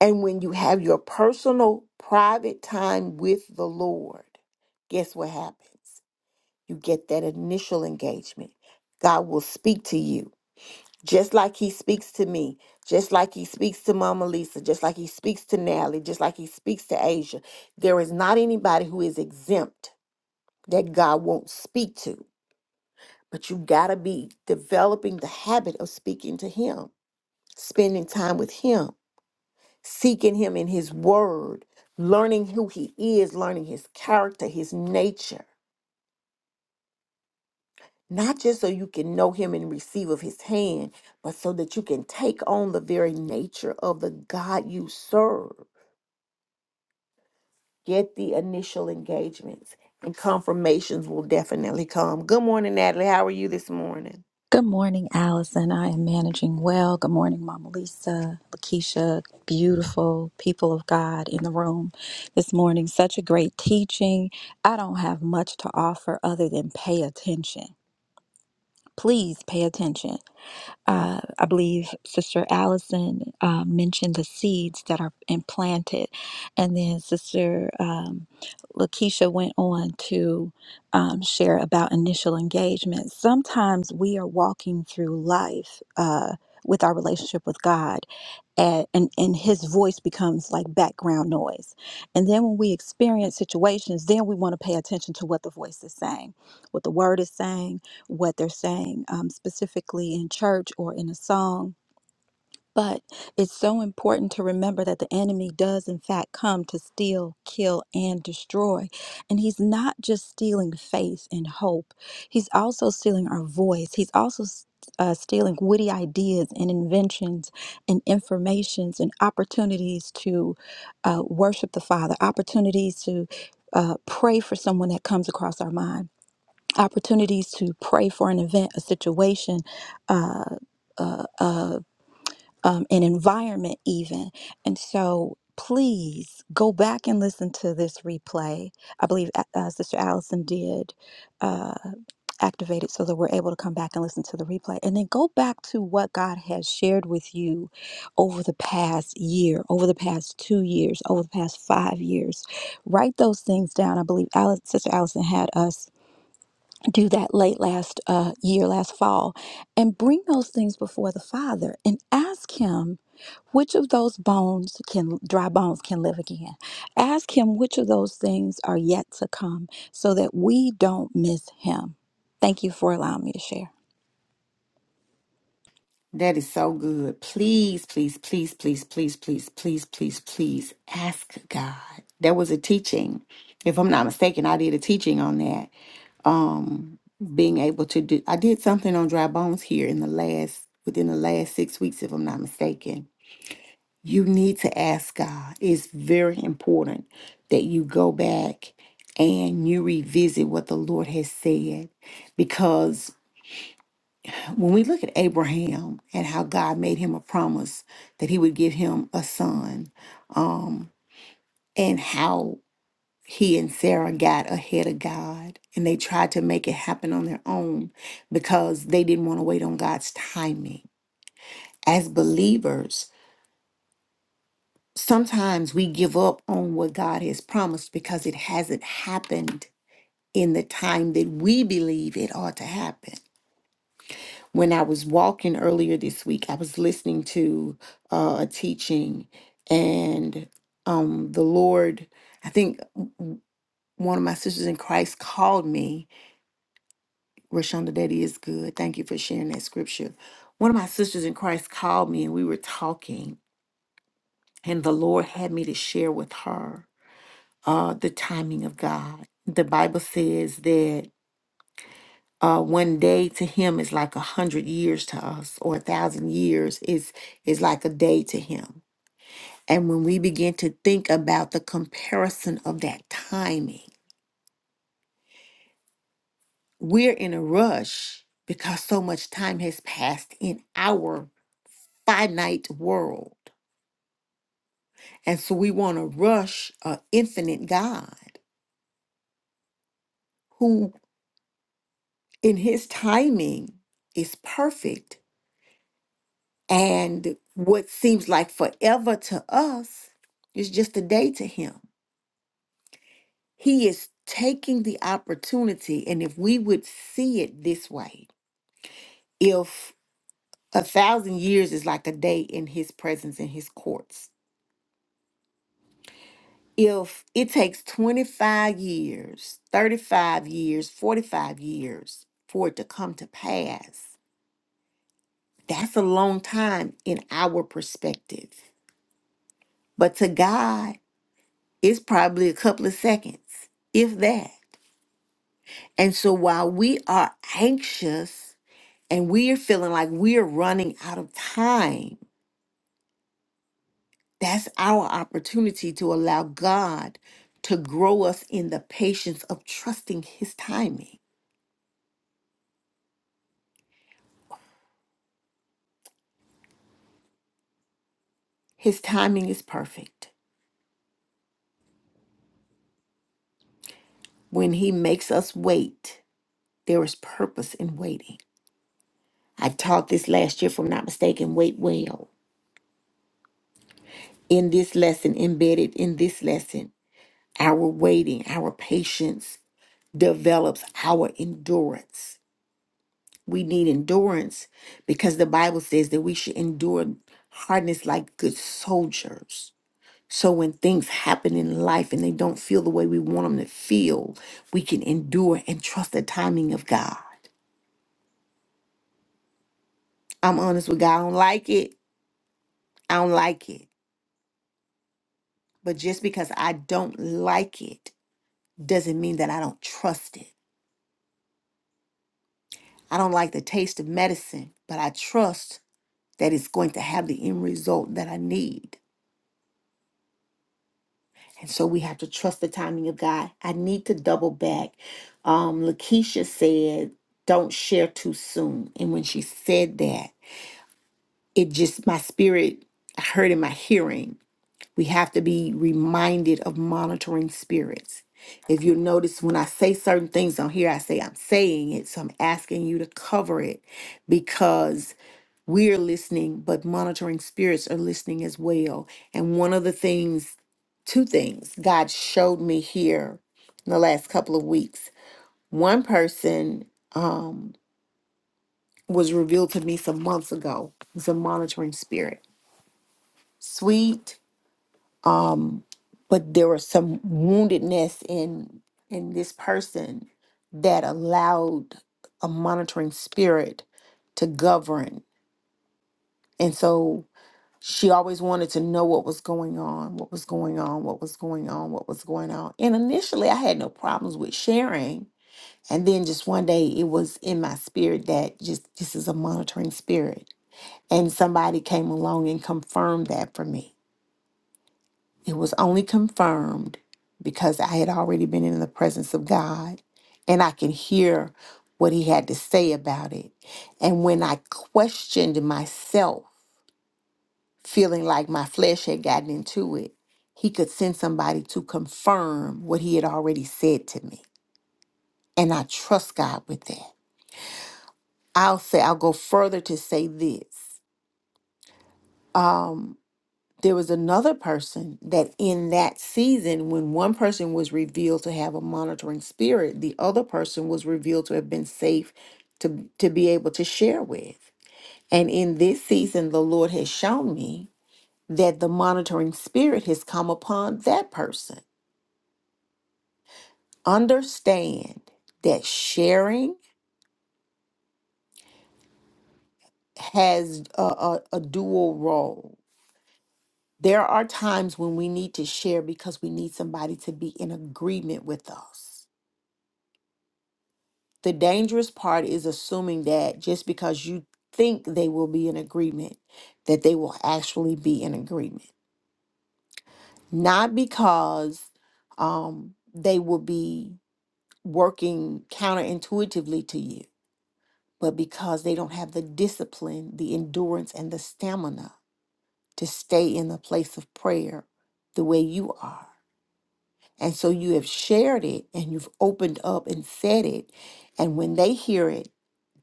And when you have your personal, private time with the Lord, guess what happens? You get that initial engagement. God will speak to you just like He speaks to me, just like He speaks to Mama Lisa, just like He speaks to Natalie, just like He speaks to Asia. There is not anybody who is exempt that God won't speak to. But you got to be developing the habit of speaking to Him, spending time with Him, seeking Him in His Word, learning who He is, learning His character, His nature. Not just so you can know Him and receive of His hand, but so that you can take on the very nature of the God you serve. Get the initial engagements, and confirmations will definitely come. Good morning, Natalie. How are you this morning?
Good morning, Allison. I am managing well. Good morning, Mama Lisa, Lakeisha, beautiful people of God in the room this morning. Such a great teaching. I don't have much to offer other than pay attention. Please pay attention uh, I believe Sister Allison uh, mentioned the seeds that are implanted. And then Sister um, Lakeisha went on to um, share about initial engagement. Sometimes we are walking through life uh, with our relationship with God and, and and his voice becomes like background noise and then when we experience situations then we want to pay attention to what the voice is saying what the word is saying what they're saying um, specifically in church or in a song but it's so important to remember that the enemy does, in fact, come to steal, kill, and destroy. And he's not just stealing faith and hope, he's also stealing our voice. He's also s- uh, stealing witty ideas and inventions and informations and opportunities to uh, worship the Father, opportunities to uh, pray for someone that comes across our mind, opportunities to pray for an event, a situation. Uh, uh, uh, um, an environment, even. And so please go back and listen to this replay. I believe A- uh, Sister Allison did uh, activate it so that we're able to come back and listen to the replay. And then go back to what God has shared with you over the past year, over the past two years, over the past five years. Write those things down. I believe Alice, Sister Allison had us do that late last uh, year, last fall, and bring those things before the Father and ask Him which of those bones can dry bones can live again ask him which of those things are yet to come so that we don't miss him thank you for allowing me to share
That is so good. Please, please, please, please, please, please, please, please, please ask God. There was a teaching, if I'm not mistaken, I did a teaching on that. Um, being able to do, I did something on dry bones here in the last, within the last six weeks, if I'm not mistaken. You need to ask God. It's very important that you go back and you revisit what the Lord has said because when we look at Abraham and how God made him a promise that he would give him a son, um, and how he and Sarah got ahead of God and they tried to make it happen on their own because they didn't want to wait on God's timing. As believers, sometimes we give up on what God has promised because it hasn't happened in the time that we believe it ought to happen. when I was walking earlier this week, I was listening to uh, a teaching, and um, the Lord, I think one of my sisters in Christ called me. Rashonda, that is good. Thank you for sharing that scripture. One of my sisters in Christ called me, and we were talking, and the Lord had me to share with her uh, the timing of God. The Bible says that. uh, one day to him is like a hundred years to us, or a thousand years is is like a day to him. And when we begin to think about the comparison of that timing, we're in a rush because so much time has passed in our finite world. And so we want to rush an infinite God who in his timing is perfect And what seems like forever to us is just a day to him. He is taking the opportunity. And if we would see it this way, if a thousand years is like a day in his presence, in his courts, if it takes 25 years, 35 years, 45 years for it to come to pass, that's a long time in our perspective. But to God, It's probably a couple of seconds, if that. And so while we are anxious and we are feeling like we are running out of time, that's our opportunity to allow God to grow us in the patience of trusting His timing. His timing is perfect. When He makes us wait, there is purpose in waiting. I taught this last year, if I'm not mistaken, Wait Well. In this lesson, embedded in this lesson. Our waiting, our patience develops our endurance. We need endurance because the Bible says that we should endure hardness like good soldiers. So when things happen in life and they don't feel the way we want them to feel, we can endure and trust the timing of God. I'm honest with God, I don't like it. I don't like it. But just because I don't like it doesn't mean that I don't trust it. I don't like the taste of medicine, but I trust that is going to have the end result that I need. And so we have to trust the timing of God. I need to double back. Um, Lakeisha said, don't share too soon. And when she said that, it just, my spirit, I heard in my hearing, we have to be reminded of monitoring spirits. If you notice, when I say certain things on here, I say I'm saying it. So I'm asking you to cover it because we are listening, but monitoring spirits are listening as well. And one of the things, two things God showed me here in the last couple of weeks. One person um, was revealed to me some months ago. It's a monitoring spirit, sweet, um, but there was some woundedness in in this person that allowed a monitoring spirit to govern. And so She always wanted to know what was going on, what was going on, what was going on, what was going on. And initially, I had no problems with sharing. And then just one day, it was in my spirit that just this is a monitoring spirit. And somebody came along and confirmed that for me. It was only confirmed because I had already been in the presence of God and I could hear what he had to say about it. And when I questioned myself, feeling like my flesh had gotten into it, he could send somebody to confirm what he had already said to me. And I trust God with that. I'll say, I'll go further to say this. Um, there was another person that in that season, when one person was revealed to have a monitoring spirit, the other person was revealed to have been safe to, to be able to share with. And in this season, the Lord has shown me that the monitoring spirit has come upon that person. understand that sharing has a, a, a dual role. There are times when we need to share because we need somebody to be in agreement with us. The dangerous part is assuming that just because you think they will be in agreement, that they will actually be in agreement. Not because um, they will be working counterintuitively to you but because they don't have the discipline, the endurance, and the stamina to stay in the place of prayer the way you are. And so you have shared it and you've opened up and said it. And when they hear it,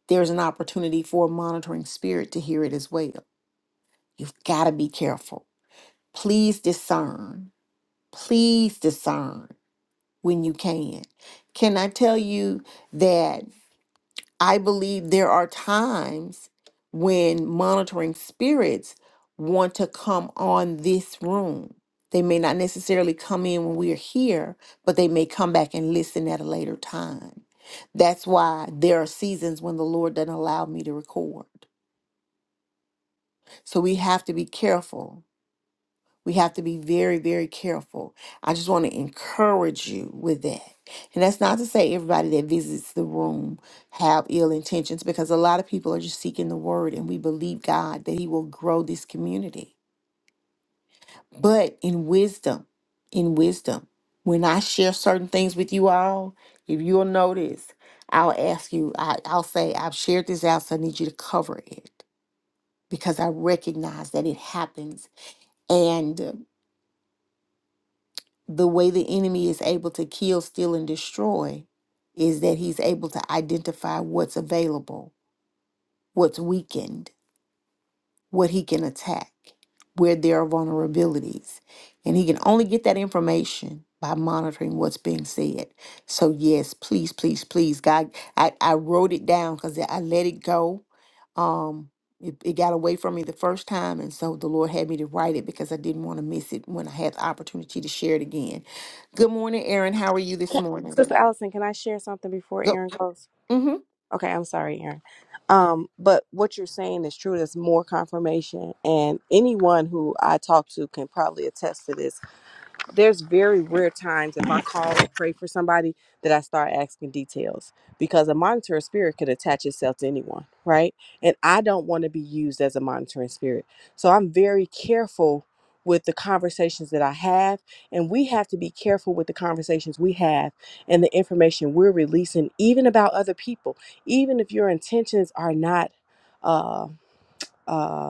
there's an opportunity for a monitoring spirit to hear it as well. You've got to be careful. Please discern. Please discern when you can. Can I tell you that? I believe there are times when monitoring spirits want to come on this room. They may not necessarily come in when we're here, but they may come back and listen at a later time. That's why there are seasons when the Lord doesn't allow me to record. So we have to be careful we have to be very, very careful. I just want to encourage you with that. And that's not to say everybody that visits the room have ill intentions because a lot of people are just seeking the word and we believe God that he will grow this community. But in wisdom, in wisdom, when I share certain things with you all, if you'll notice, I'll ask you, I, I'll say, I've shared this out, so I need you to cover it because I recognize that it happens. and. the way the enemy is able to kill, steal, and destroy is that he's able to identify what's available, what's weakened what he can attack, where there are vulnerabilities. And he can only get that information by monitoring what's being said. So, yes, please, please, please, God, I, I wrote it down because I let it go. Um, it, it got away from me the first time. And so the Lord had me to write it because I didn't want to miss it when I had the opportunity to share it again. Good morning, Erin. How are you this morning?
Sister Allison, can I share something before
Go.
Aaron goes?
Mm-hmm.
Okay, I'm sorry, Aaron. Um, but what you're saying is true. There's more confirmation, and anyone who I talk to can probably attest to this there's very rare times if I call or pray for somebody that I start asking details because a monitoring spirit could attach itself to anyone, right? And I don't want to be used as a monitoring spirit. So I'm very careful with the conversations that I have. And we have to be careful with the conversations we have and the information we're releasing, even about other people, even if your intentions are not. Uh, uh,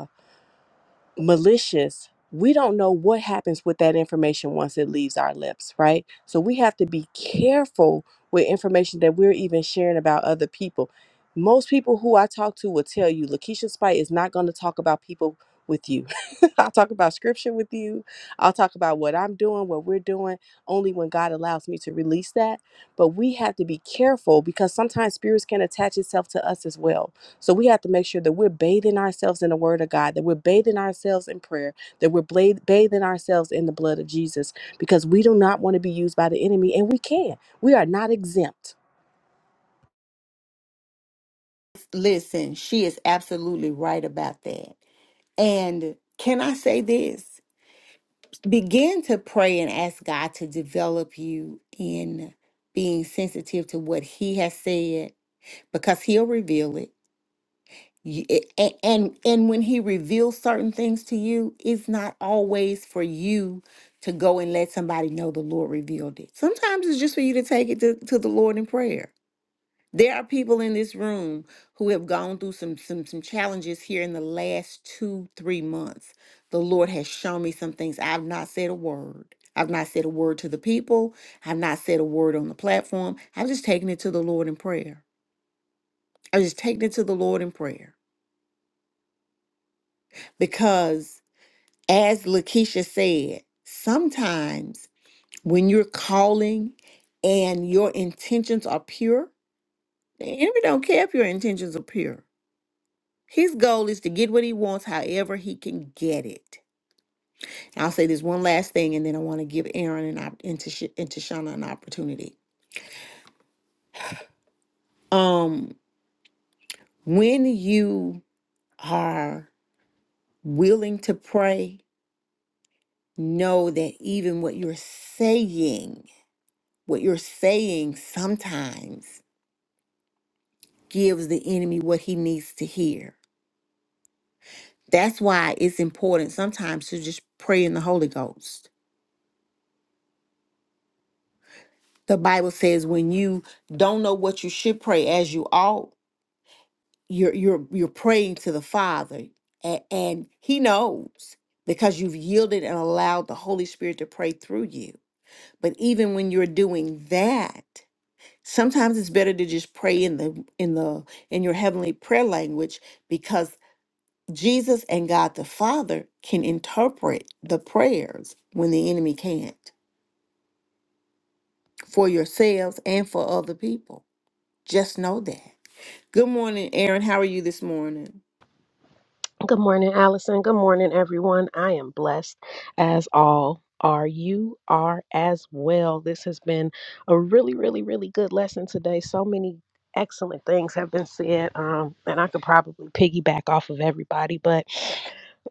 malicious, we don't know what happens with that information once it leaves our lips, right? So we have to be careful with information that we're even sharing about other people. Most people who I talk to will tell you Lakeisha Spite is not going to talk about people with you. I'll talk about scripture with you. I'll talk about what I'm doing, what we're doing, only when God allows me to release that. But we have to be careful because sometimes spirits can attach itself to us as well so we have to make sure that we're bathing ourselves in the Word of God, that we're bathing ourselves in prayer, that we're bla- bathing ourselves in the blood of Jesus, because we do not want to be used by the enemy, and we can. We are not exempt.
Listen, she is absolutely right about that. And can I say this? begin to pray and ask God to develop you in being sensitive to what He has said because He'll reveal it. You- it- a- And, and when He reveals certain things to you, it's not always for you to go and let somebody know the Lord revealed it. Sometimes it's just for you to take it to, to the Lord in prayer there are people in this room who have gone through some some some challenges here in the last 2 3 months. The Lord has shown me some things I've not said a word. I've not said a word to the people. I've not said a word on the platform. I've just taken it to the Lord in prayer. I've just taken it to the Lord in prayer. Because as Lakeisha said, sometimes when you're calling and your intentions are pure, the enemy don't care if your intentions are pure. His goal is to get what he wants however he can get it. And I'll say this one last thing and then I want to give Aaron and, op- and, Tish- and Tashana an opportunity. Um, when you are willing to pray, know that even what you're saying, what you're saying sometimes gives the enemy what he needs to hear. That's why it's important sometimes to just pray in the Holy Ghost The Bible says when you don't know what you should pray as you ought, you're you're you're praying to the Father and, and he knows because you've yielded and allowed the Holy Spirit to pray through you. But even when you're doing that, sometimes it's better to just pray in the in the in your heavenly prayer language because Jesus and God the Father can interpret the prayers when the enemy can't for yourselves and for other people. Just know that. Good morning, Aaron. How are you this morning?
Good morning, Allison. Good morning, everyone. I am blessed as all are. You are as well. This has been a really, really, really good lesson today. So many excellent things have been said, um, and I could probably piggyback off of everybody, but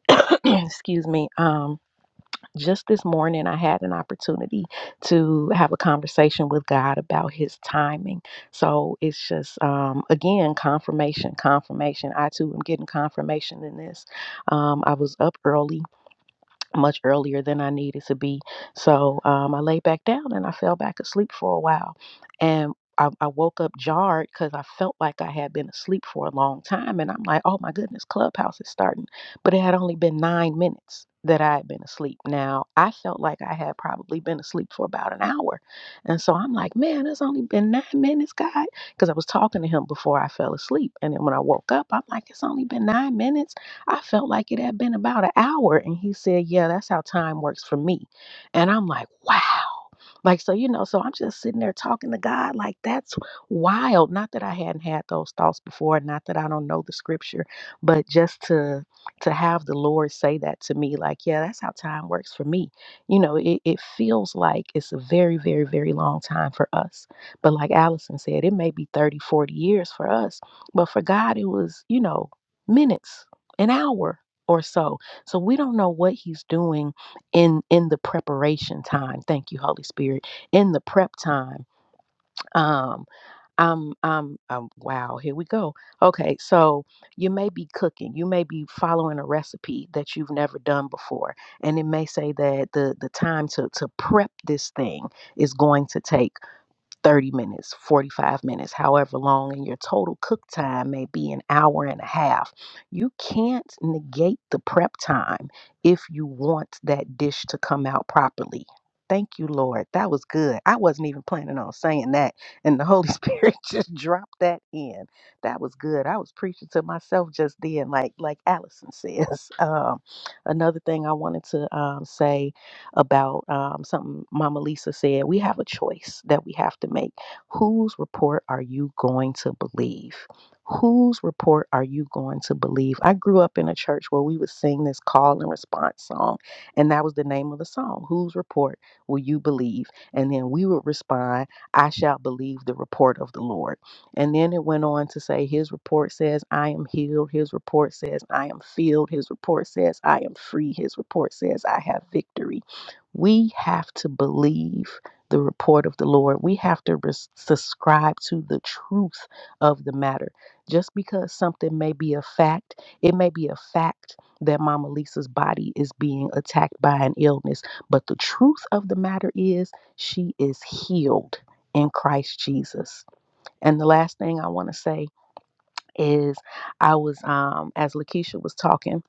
excuse me. Um, just this morning I had an opportunity to have a conversation with God about his timing. So it's just um again confirmation, confirmation. I too am getting confirmation in this. Um I was up early much earlier than I needed to be. So um, I lay back down and I fell back asleep for a while. And I, I woke up jarred because I felt like I had been asleep for a long time. And I'm like, oh my goodness, Clubhouse is starting. But it had only been nine minutes that I had been asleep. Now, I felt like I had probably been asleep for about an hour. And so I'm like, man, it's only been nine minutes, God. Because I was talking to him before I fell asleep. And then when I woke up, I'm like, it's only been nine minutes I felt like it had been about an hour. And he said, Yeah, that's how time works for me. And I'm like, Wow. Like, so, you know, so I'm just sitting there talking to God. Like, that's wild. Not that I hadn't had those thoughts before, not that I don't know the scripture, but just to to have the Lord say that to me, like, yeah, that's how time works for me. You know, it, it feels like it's a very, very, very long time for us. But like Allison said, it may be 30, 40 years for us. But for God, it was, you know, minutes, an hour or so. So we don't know what he's doing in in the preparation time thank you holy spirit in the prep time um i'm i'm um wow here we go okay so you may be cooking you may be following a recipe that you've never done before and it may say that the the time to to prep this thing is going to take 30 minutes, 45 minutes, however long, and your total cook time may be an hour and a half. You can't negate the prep time if you want that dish to come out properly. Thank you, Lord. That was good. I wasn't even planning on saying that, and the Holy Spirit just dropped that in. That was good. I was preaching to myself just then, like like Allison says. Um, another thing I wanted to um, say about um, something Mama Lisa said. We have a choice that we have to make. Whose report are you going to believe? Whose report are you going to believe? I grew up in a church where we would sing this call and response song, and that was the name of the song. Whose report will you believe? And then we would respond, I shall believe the report of the Lord. And then it went on to say, His report says, I am healed. His report says, I am filled. His report says, I am free. His report says, I have victory. We have to believe the report of the Lord. We have to res- subscribe to the truth of the matter. Just because something may be a fact, it may be a fact that Mama Lisa's body is being attacked by an illness, but the truth of the matter is she is healed in Christ Jesus. And the last thing I want to say is I was um as Lakeisha was talking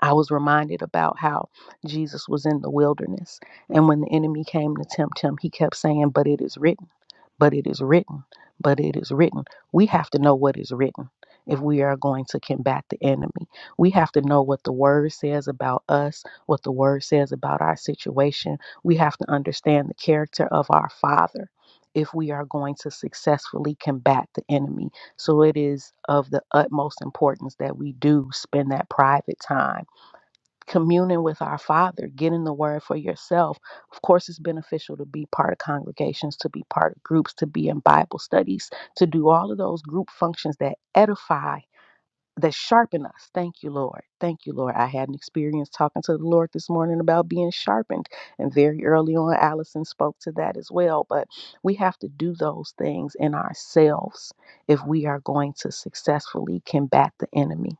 I was reminded about how Jesus was in the wilderness. And when the enemy came to tempt him, he kept saying, But it is written, but it is written, but it is written. We have to know what is written if we are going to combat the enemy. We have to know what the word says about us, what the word says about our situation. We have to understand the character of our Father. If we are going to successfully combat the enemy. So it is of the utmost importance that we do spend that private time communing with our Father, getting the word for yourself. Of course, it's beneficial to be part of congregations, to be part of groups, to be in Bible studies, to do all of those group functions that edify, that sharpen us. Thank you, Lord. Thank you, Lord. I had an experience talking to the Lord this morning about being sharpened. And very early on, Allison spoke to that as well. But we have to do those things in ourselves if we are going to successfully combat the enemy.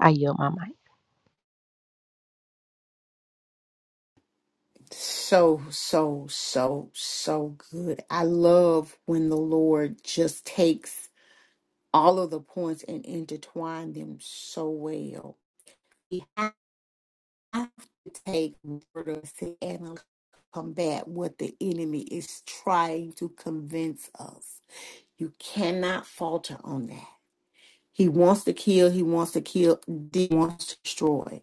I yield my mic.
So, so, so, so good. I love when the Lord just takes all of the points and intertwine them so well. We have to take what us and combat what the enemy is trying to convince us. You cannot falter on that. He wants to kill, he wants to kill, he wants to destroy.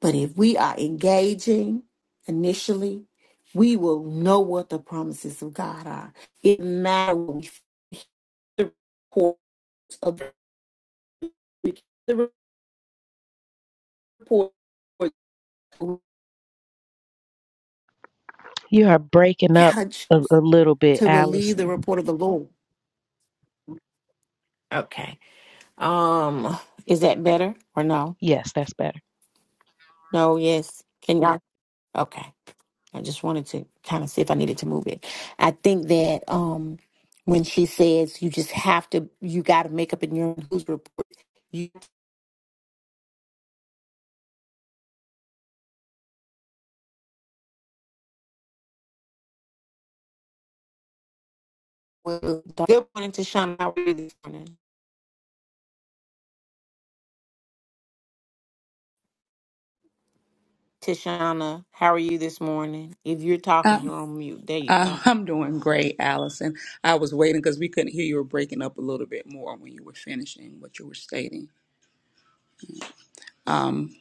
But if we are engaging initially, we will know what the promises of God are. It matters when we see the reports of we get the report. We
You are breaking up
gotta
a, a
choose
little bit,
to believe the
Allison.
report of the Lord. Okay. Um, is that better or no?
Yes, that's better.
No. Yes. Can y'all? Okay. I just wanted to kind of see if I needed to move it. I think that um, when she says you just have to, you got to make up in your own whose report Well, Good morning, Tashana. How are you this morning? Tashana, how are you this morning? If you're
Uh,
talking, you're on mute. There you
uh,
go.
I'm doing great, Allison. I was waiting because we couldn't hear you were breaking up a little bit more when you were finishing what you were stating. Um,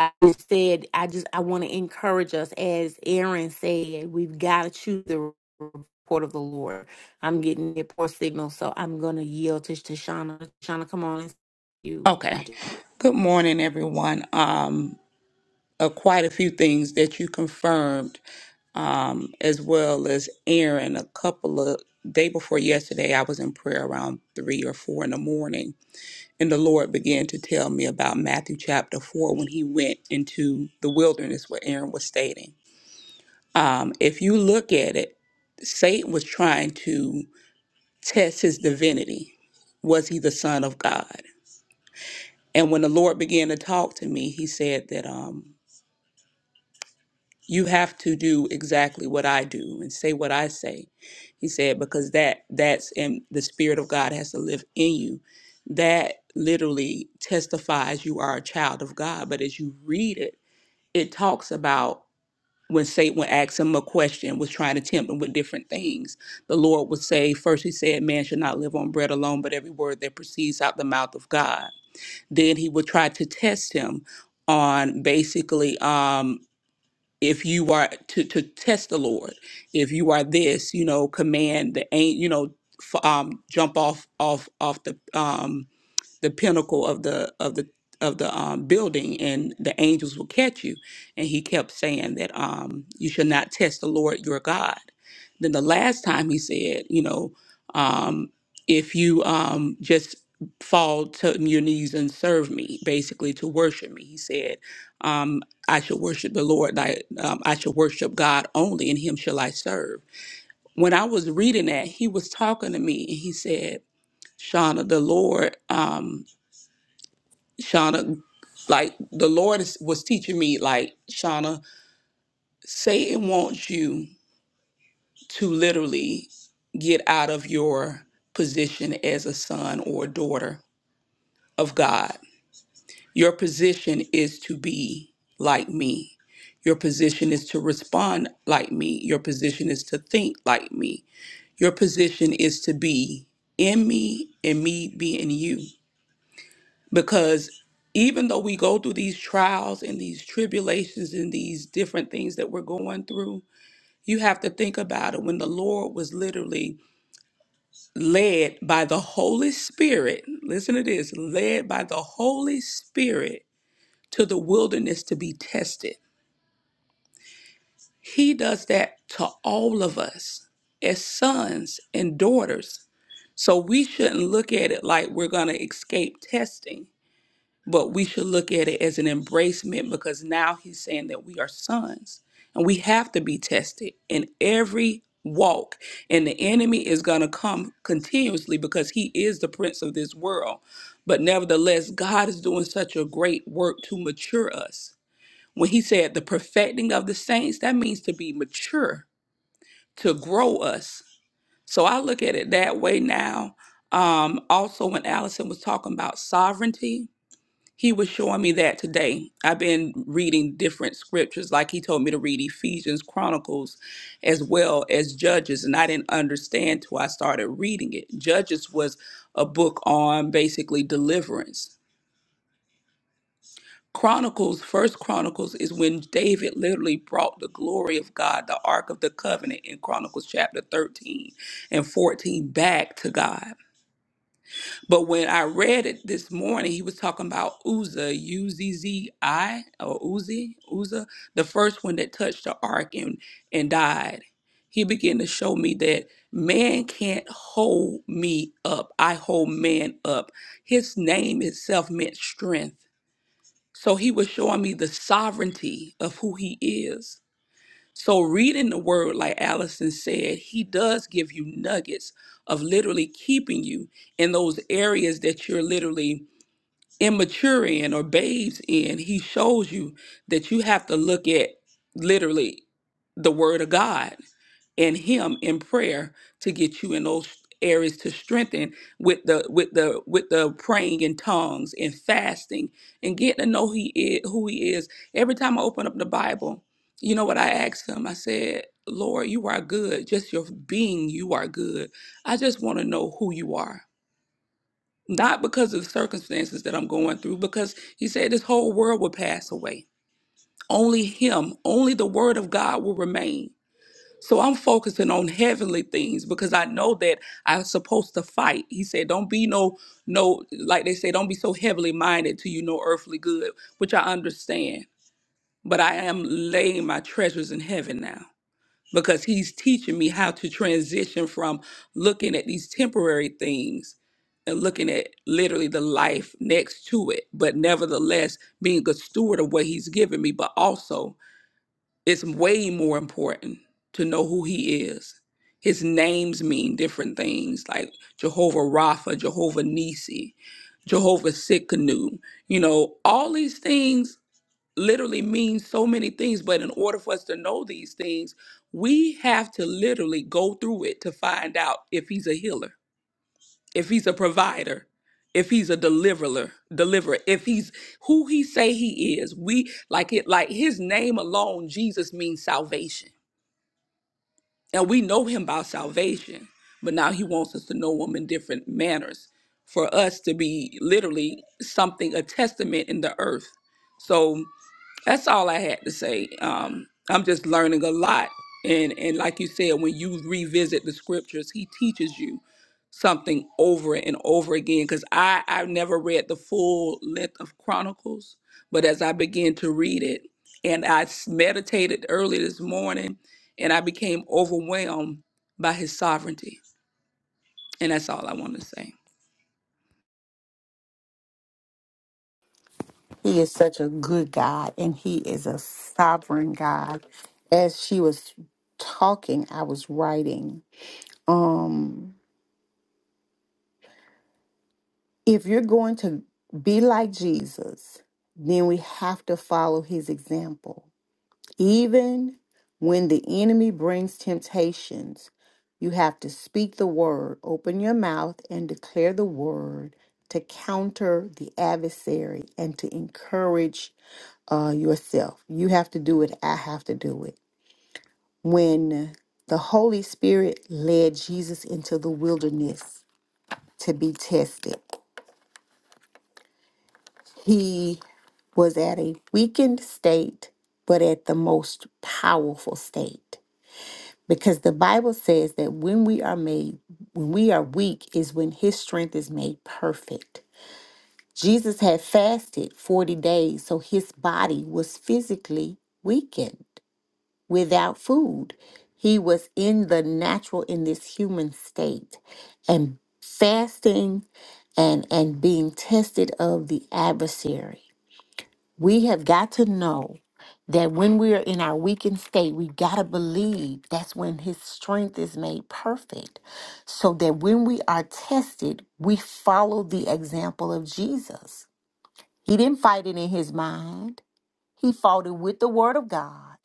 I just said, I just, I want to encourage us, as Aaron said, we've got to choose the report of the Lord. I'm getting a poor signal, so I'm going to yield to Tashana. Tashana, come on. It's you. Got
okay.
you.
Good morning, everyone. Um, uh, quite a few things that you confirmed, um, as well as Aaron. A couple of day before yesterday, I was in prayer around three or four in the morning, and the Lord began to tell me about Matthew chapter four when He went into the wilderness, what Aaron was stating Um, if you look at it, Satan was trying to test his divinity. Was he the son of God? And when the Lord began to talk to me, he said that um, you have to do exactly what I do and say what I say. He said because that that's in the spirit of God has to live in you. That literally testifies you are a child of God. But as you read it, it talks about when Satan would ask him a question, was trying to tempt him with different things. The Lord would say, first he said, man should not live on bread alone, but every word that proceeds out the mouth of God. Then he would try to test him on basically um, if you are to, to test the Lord, if you are this, you know, command the ain't, you know, f- um, jump off off off the um, the pinnacle of the of the of the um, building and the angels will catch you and he kept saying that um, you should not test the lord your god then the last time he said you know um, if you um, just fall to your knees and serve me basically to worship me he said um, i should worship the lord thy, um, i should worship god only and him shall i serve when i was reading that he was talking to me and he said shauna the lord um, Shauna, like the Lord is, was teaching me, like, Shauna, Satan wants you to literally get out of your position as a son or daughter of God. Your position is to be like me. Your position is to respond like me. Your position is to think like me. Your position is to be in me and me be in you. because even though we go through these trials and these tribulations and these different things that we're going through, you have to think about it. When the Lord was literally led by the Holy Spirit, listen to this led by the Holy Spirit to the wilderness to be tested. He does that to all of us as sons and daughters. So we shouldn't look at it like we're going to escape testing but we should look at it as an embracement because now he's saying that we are sons and we have to be tested in every walk and the enemy is going to come continuously because he is the prince of this world but nevertheless god is doing such a great work to mature us when he said the perfecting of the saints that means to be mature to grow us so i look at it that way now um also when allison was talking about sovereignty he was showing me that today. I've been reading different scriptures, like he told me to read Ephesians, Chronicles, as well as Judges, and I didn't understand till I started reading it. Judges was a book on basically deliverance. Chronicles, First Chronicles, is when David literally brought the glory of God, the Ark of the Covenant, in Chronicles chapter thirteen and fourteen, back to God. But when I read it this morning, he was talking about Uzzah, U Z Z I, or Uzi, Uzzah, the first one that touched the ark and, and died. He began to show me that man can't hold me up. I hold man up. His name itself meant strength. So he was showing me the sovereignty of who he is so, reading the word, like Allison said, he does give you nuggets of literally keeping you in those areas that you're literally immature in or babes in. He shows you that you have to look at literally the word of God and him in prayer to get you in those areas to strengthen with the with the with the praying in tongues and fasting and getting to know he is who he is every time i open up the bible you know what i asked him i said lord you are good just your being you are good i just want to know who you are not because of the circumstances that i'm going through because he said this whole world will pass away only him only the word of god will remain so I'm focusing on heavenly things because I know that I'm supposed to fight. He said, "Don't be no no like they say, don't be so heavily minded to you no earthly good," which I understand. But I am laying my treasures in heaven now because he's teaching me how to transition from looking at these temporary things and looking at literally the life next to it, but nevertheless being a good steward of what he's given me, but also it's way more important to know who he is. His names mean different things, like Jehovah Rapha, Jehovah Nisi, Jehovah Sikkenu. You know, all these things literally mean so many things, but in order for us to know these things, we have to literally go through it to find out if he's a healer if he's a provider if he's a deliverer deliverer if he's who he say he is we like it like his name alone jesus means salvation and we know him by salvation but now he wants us to know him in different manners for us to be literally something a testament in the earth so that's all I had to say. Um, I'm just learning a lot, and and like you said, when you revisit the scriptures, He teaches you something over and over again. Because I I've never read the full length of Chronicles, but as I began to read it, and I s- meditated early this morning, and I became overwhelmed by His sovereignty, and that's all I want to say.
He is such a good God and He is a sovereign God. As she was talking, I was writing. If you're going to be like Jesus, then we have to follow his example. Even when the enemy brings temptations, you have to speak the word, open your mouth, and declare the word to counter the adversary and to encourage uh, yourself. You have to do it. I have to do it. When the Holy Spirit led Jesus into the wilderness to be tested, He was at a weakened state, but at the most powerful state. Because the Bible says that when we are made, when we are weak, is when his strength is made perfect. Jesus had fasted 40 days, so his body was physically weakened without food. He was in the natural, in this human state. And fasting and, and being tested of the adversary we have got to know that when we are in our weakened state, we got to believe that's when his strength is made perfect. So that when we are tested, we follow the example of Jesus. He didn't fight it in his mind, he fought it with the word of God.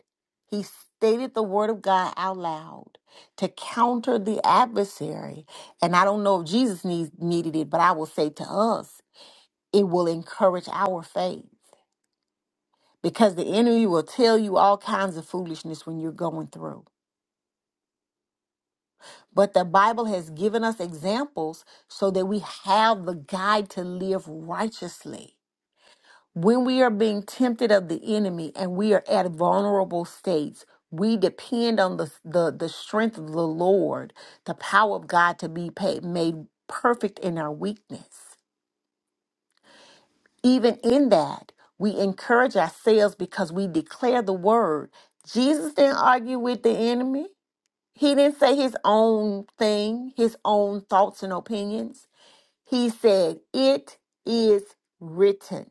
He stated the word of God out loud to counter the adversary. And I don't know if Jesus needs, needed it, but I will say to us, it will encourage our faith because the enemy will tell you all kinds of foolishness when you're going through. But the Bible has given us examples so that we have the guide to live righteously. When we are being tempted of the enemy and we are at vulnerable states, we depend on the, the, the strength of the Lord, the power of God to be paid, made perfect in our weakness. Even in that, we encourage ourselves because we declare the word. Jesus didn't argue with the enemy. He didn't say his own thing, his own thoughts and opinions. He said, It is written.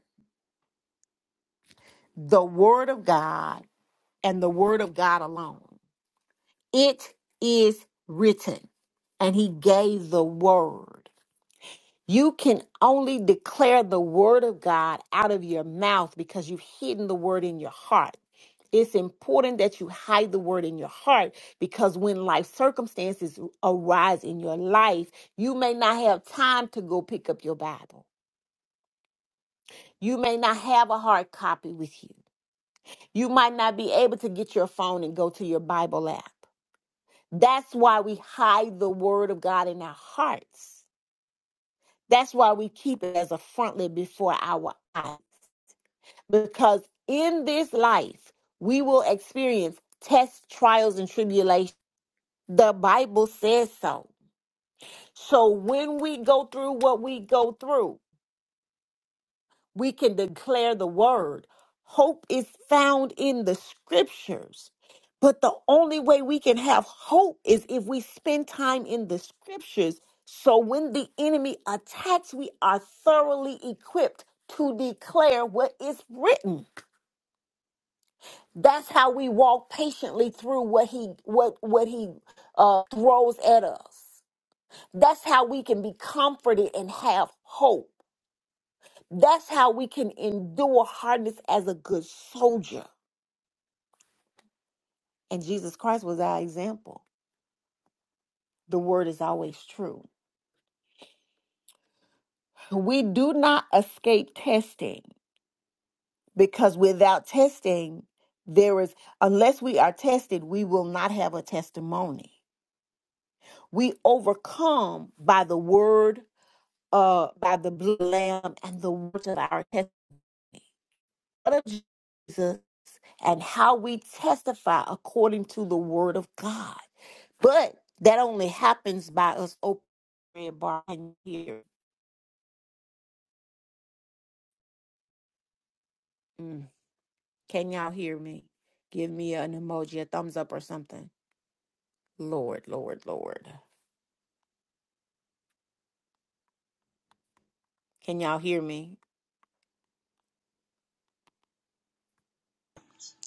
The word of God and the word of God alone. It is written. And he gave the word. You can only declare the word of God out of your mouth because you've hidden the word in your heart. It's important that you hide the word in your heart because when life circumstances arise in your life, you may not have time to go pick up your Bible. You may not have a hard copy with you. You might not be able to get your phone and go to your Bible app. That's why we hide the word of God in our hearts. That's why we keep it as a frontlet before our eyes. because in this life we will experience tests, trials, and tribulations. The Bible says so. So when we go through what we go through, we can declare the word. Hope is found in the scriptures. But the only way we can have hope is if we spend time in the scriptures. So when the enemy attacks, we are thoroughly equipped to declare what is written. That's how we walk patiently through what he what what he uh, throws at us. That's how we can be comforted and have hope. That's how we can endure hardness as a good soldier. And Jesus Christ was our example. The word is always true. We do not escape testing because without testing, there is, unless we are tested, we will not have a testimony. We overcome by the word uh, by the blood of the lamb and the words of our testimony of Jesus and how we testify according to the word of God. But that only happens by us opening the red bar and here. Mm. Can y'all hear me? Give me an emoji, a thumbs up or something. Lord, Lord, Lord. Can y'all hear me?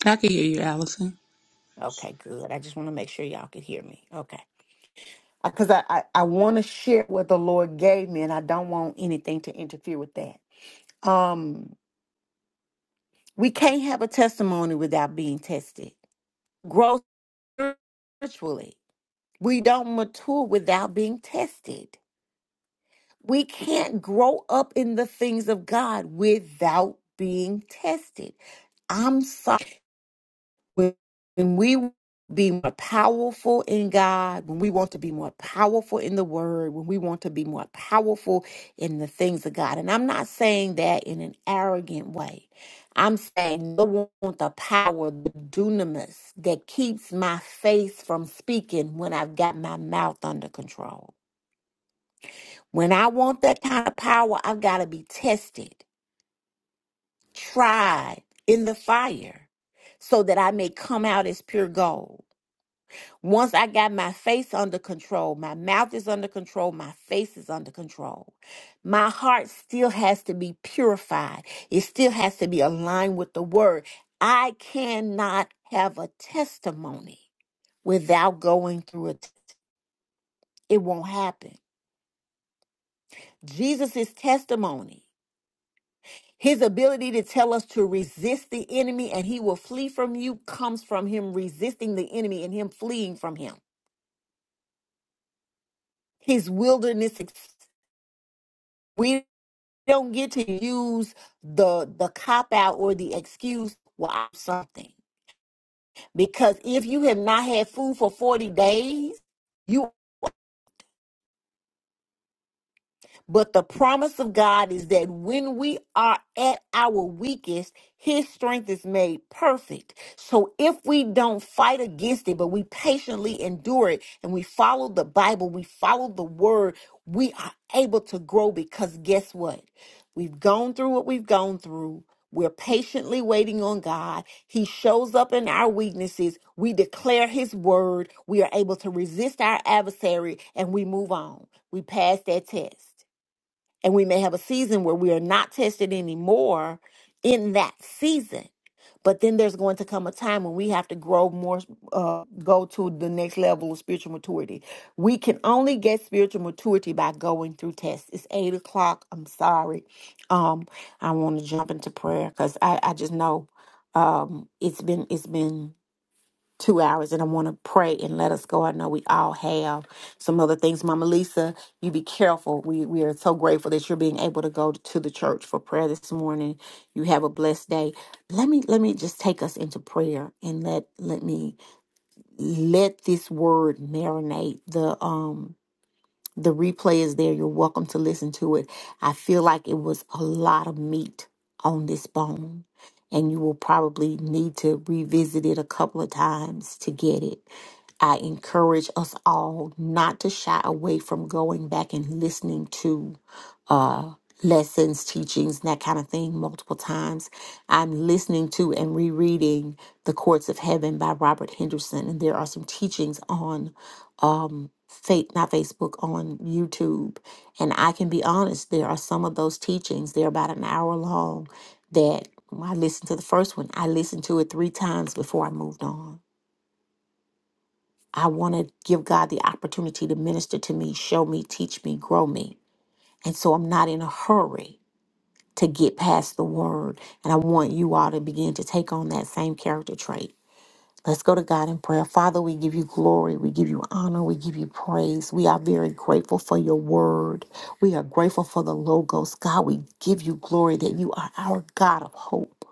I can hear you, Allison.
Okay, good. I just want to make sure y'all can hear me. Okay. Because I, I, I want to share what the Lord gave me and I don't want anything to interfere with that. Um, We can't have a testimony without being tested. Grow spiritually. We don't mature without being tested. We can't grow up in the things of God without being tested. I'm sorry. when when we be more powerful in God, when we want to be more powerful in the word, when we want to be more powerful in the things of God. And I'm not saying that in an arrogant way. I'm saying I want the power, the dunamis that keeps my face from speaking when I've got my mouth under control. When I want that kind of power, I've got to be tested, tried in the fire so that I may come out as pure gold. Once I got my face under control, my mouth is under control, my face is under control. My heart still has to be purified, it still has to be aligned with the word. I cannot have a testimony without going through it. It won't happen. Jesus' testimony, his ability to tell us to resist the enemy and he will flee from you, comes from him resisting the enemy and him fleeing from him. His wilderness experience don't get to use the the cop out or the excuse well I'm something because if you have not had food for 40 days you. But the promise of God is that when we are at our weakest, his strength is made perfect. So if we don't fight against it, but we patiently endure it and we follow the Bible, we follow the word, we are able to grow because guess what? We've gone through what we've gone through. We're patiently waiting on God. He shows up in our weaknesses. We declare His word. We are able to resist our adversary and we move on. We pass that test. And we may have a season where we are not tested anymore in that season. But then there's going to come a time when we have to grow more, uh, go to the next level of spiritual maturity. We can only get spiritual maturity by going through tests. It's eight o'clock. I'm sorry. Um, I want to jump into prayer because I, I just know um, it's been it's been two hours and I want to pray and let us go. I know we all have some other things. Mama Lisa, you be careful. We we are so grateful that you're being able to go to the church for prayer this morning. You have a blessed day. Let me let me just take us into prayer and let let me let this word marinate. The um the replay is there. You're welcome to listen to it. I feel like it was a lot of meat on this bone, and you will probably need to revisit it a couple of times to get it. I encourage us all not to shy away from going back and listening to uh, lessons, teachings, and that kind of thing multiple times. I'm listening to and rereading The Courts of Heaven by Robert Henderson, and there are some teachings on. um, Faith, not Facebook, on YouTube. And I can be honest, there are some of those teachings, they're about an hour long, that when I listened to the first one, I listened to it three times before I moved on. I want to give God the opportunity to minister to me, show me, teach me, grow me. And so I'm not in a hurry to get past the word. And I want you all to begin to take on that same character trait Let's go to God in prayer. Father, we give you glory. We give you honor. We give you praise. We are very grateful for your word. We are grateful for the Logos. God, we give you glory that you are our God of hope.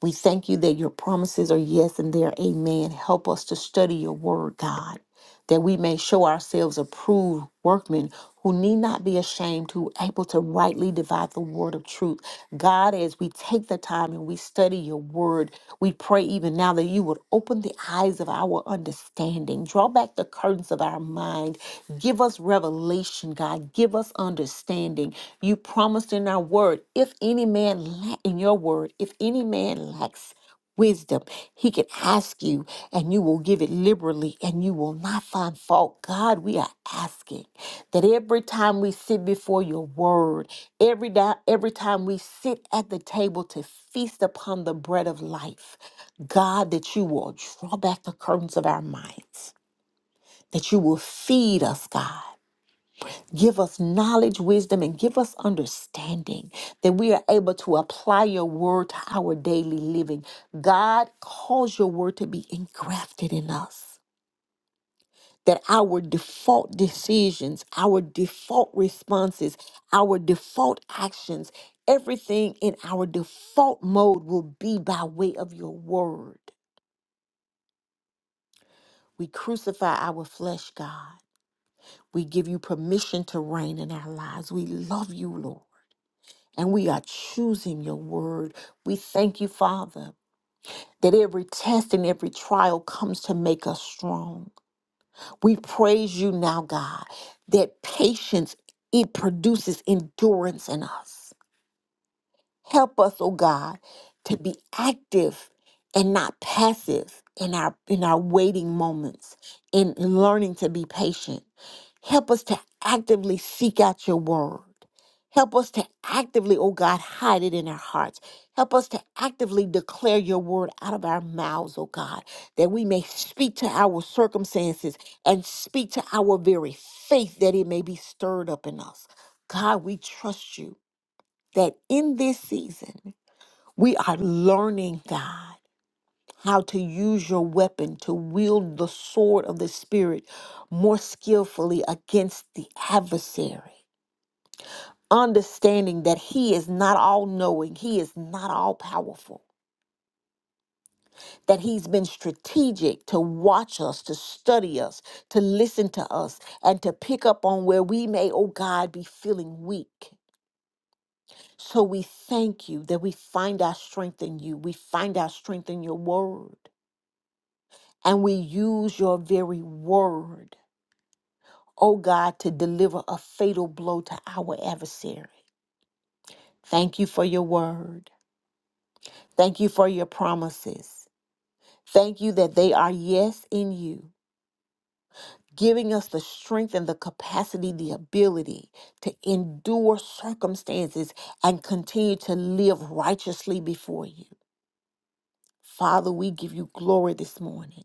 We thank you that your promises are yes and they are amen. Help us to study your word, God that we may show ourselves approved workmen who need not be ashamed, who able to rightly divide the word of truth. God, as we take the time and we study your word, we pray even now that you would open the eyes of our understanding, draw back the curtains of our mind, give us revelation, God, give us understanding. You promised in our word, if any man lack in your word, if any man lacks, wisdom. He can ask you, and you will give it liberally, and you will not find fault. God, we are asking that every time we sit before your word, every, di- every time we sit at the table to feast upon the bread of life, God, that you will draw back the curtains of our minds, that you will feed us, God. Give us knowledge, wisdom, and give us understanding that we are able to apply your word to our daily living. God, cause your word to be engrafted in us. That our default decisions, our default responses, our default actions, everything in our default mode will be by way of your word. We crucify our flesh, God. We give you permission to reign in our lives. We love you, Lord. and we are choosing your word. We thank you, Father, that every test and every trial comes to make us strong. We praise you now, God, that patience it produces endurance in us. Help us, oh God, to be active and not passive in our in our waiting moments, in learning to be patient. Help us to actively seek out your word. Help us to actively, oh God, hide it in our hearts. Help us to actively declare your word out of our mouths, oh God, that we may speak to our circumstances and speak to our very faith that it may be stirred up in us. God, we trust you that in this season, we are learning, God, how to use your weapon to wield the sword of the Spirit more skillfully against the adversary. Understanding that he is not all knowing, he is not all powerful, that he's been strategic to watch us, to study us, to listen to us, and to pick up on where we may, oh God, be feeling weak. So we thank you that we find our strength in you. We find our strength in your word. And we use your very word, oh God, to deliver a fatal blow to our adversary. Thank you for your word. Thank you for your promises. Thank you that they are yes in you, giving us the strength and the capacity, the ability to endure circumstances and continue to live righteously before you. Father, we give you glory this morning.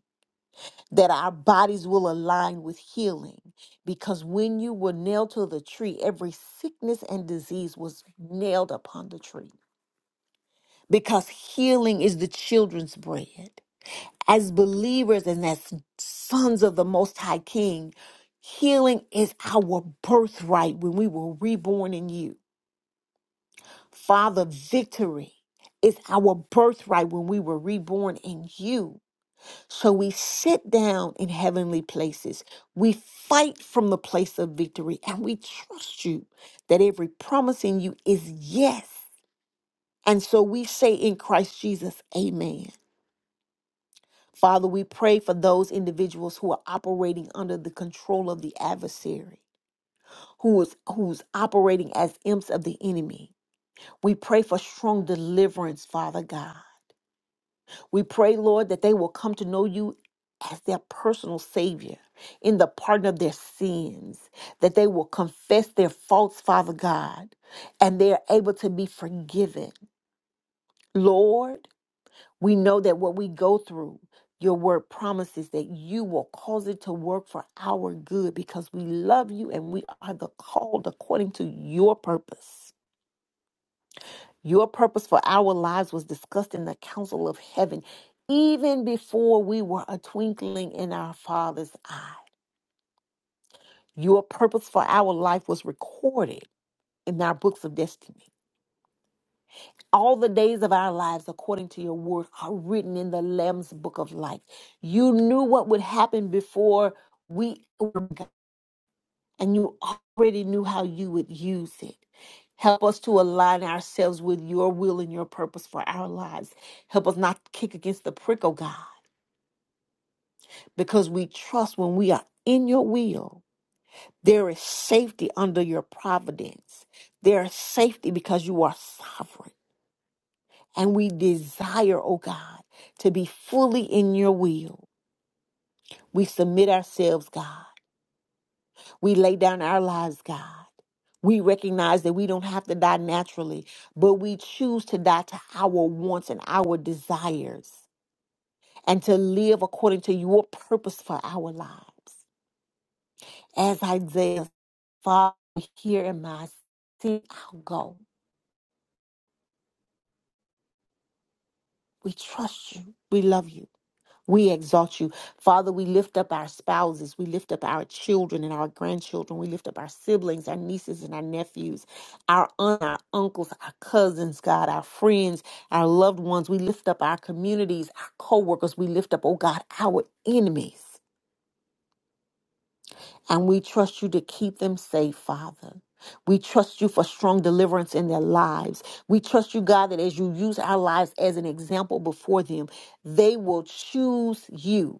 that our bodies will align with healing. Because when you were nailed to the tree, every sickness and disease was nailed upon the tree. Because healing is the children's bread. As believers and as sons of the Most High King, healing is our birthright when we were reborn in you. Father, victory is our birthright when we were reborn in you. So we sit down in heavenly places. We fight from the place of victory and we trust you that every promise in you is yes. And so we say in Christ Jesus, Amen. Father, we pray for those individuals who are operating under the control of the adversary, who is who's operating as imps of the enemy. We pray for strong deliverance, Father God. We pray, Lord, that they will come to know you as their personal Savior in the pardon of their sins, that they will confess their faults, Father God, and they are able to be forgiven. Lord, we know that what we go through, your word promises that you will cause it to work for our good because we love you and we are the called according to your purpose. Your purpose for our lives was discussed in the council of heaven even before we were a twinkling in our Father's eye. Your purpose for our life was recorded in our books of destiny. All the days of our lives, according to your word, are written in the Lamb's book of life. You knew what would happen before we were and you already knew how you would use it. Help us to align ourselves with your will and your purpose for our lives. Help us not kick against the prick, oh God, because we trust when we are in your will, there is safety under your providence. There is safety because you are sovereign. And we desire, oh God, to be fully in your will. We submit ourselves, God. We lay down our lives, God. We recognize that we don't have to die naturally, but we choose to die to our wants and our desires and to live according to your purpose for our lives. As Isaiah, Father, here in my See, I'll go. We trust you. We love you. We exalt you. Father, we lift up our spouses. We lift up our children and our grandchildren. We lift up our siblings, our nieces and our nephews, our aunt, our uncles, our cousins, God, our friends, our loved ones. We lift up our communities, our co-workers. We lift up, oh God, our enemies. And we trust you to keep them safe, Father. We trust you for strong deliverance in their lives. We trust you, God, that as you use our lives as an example before them, they will choose you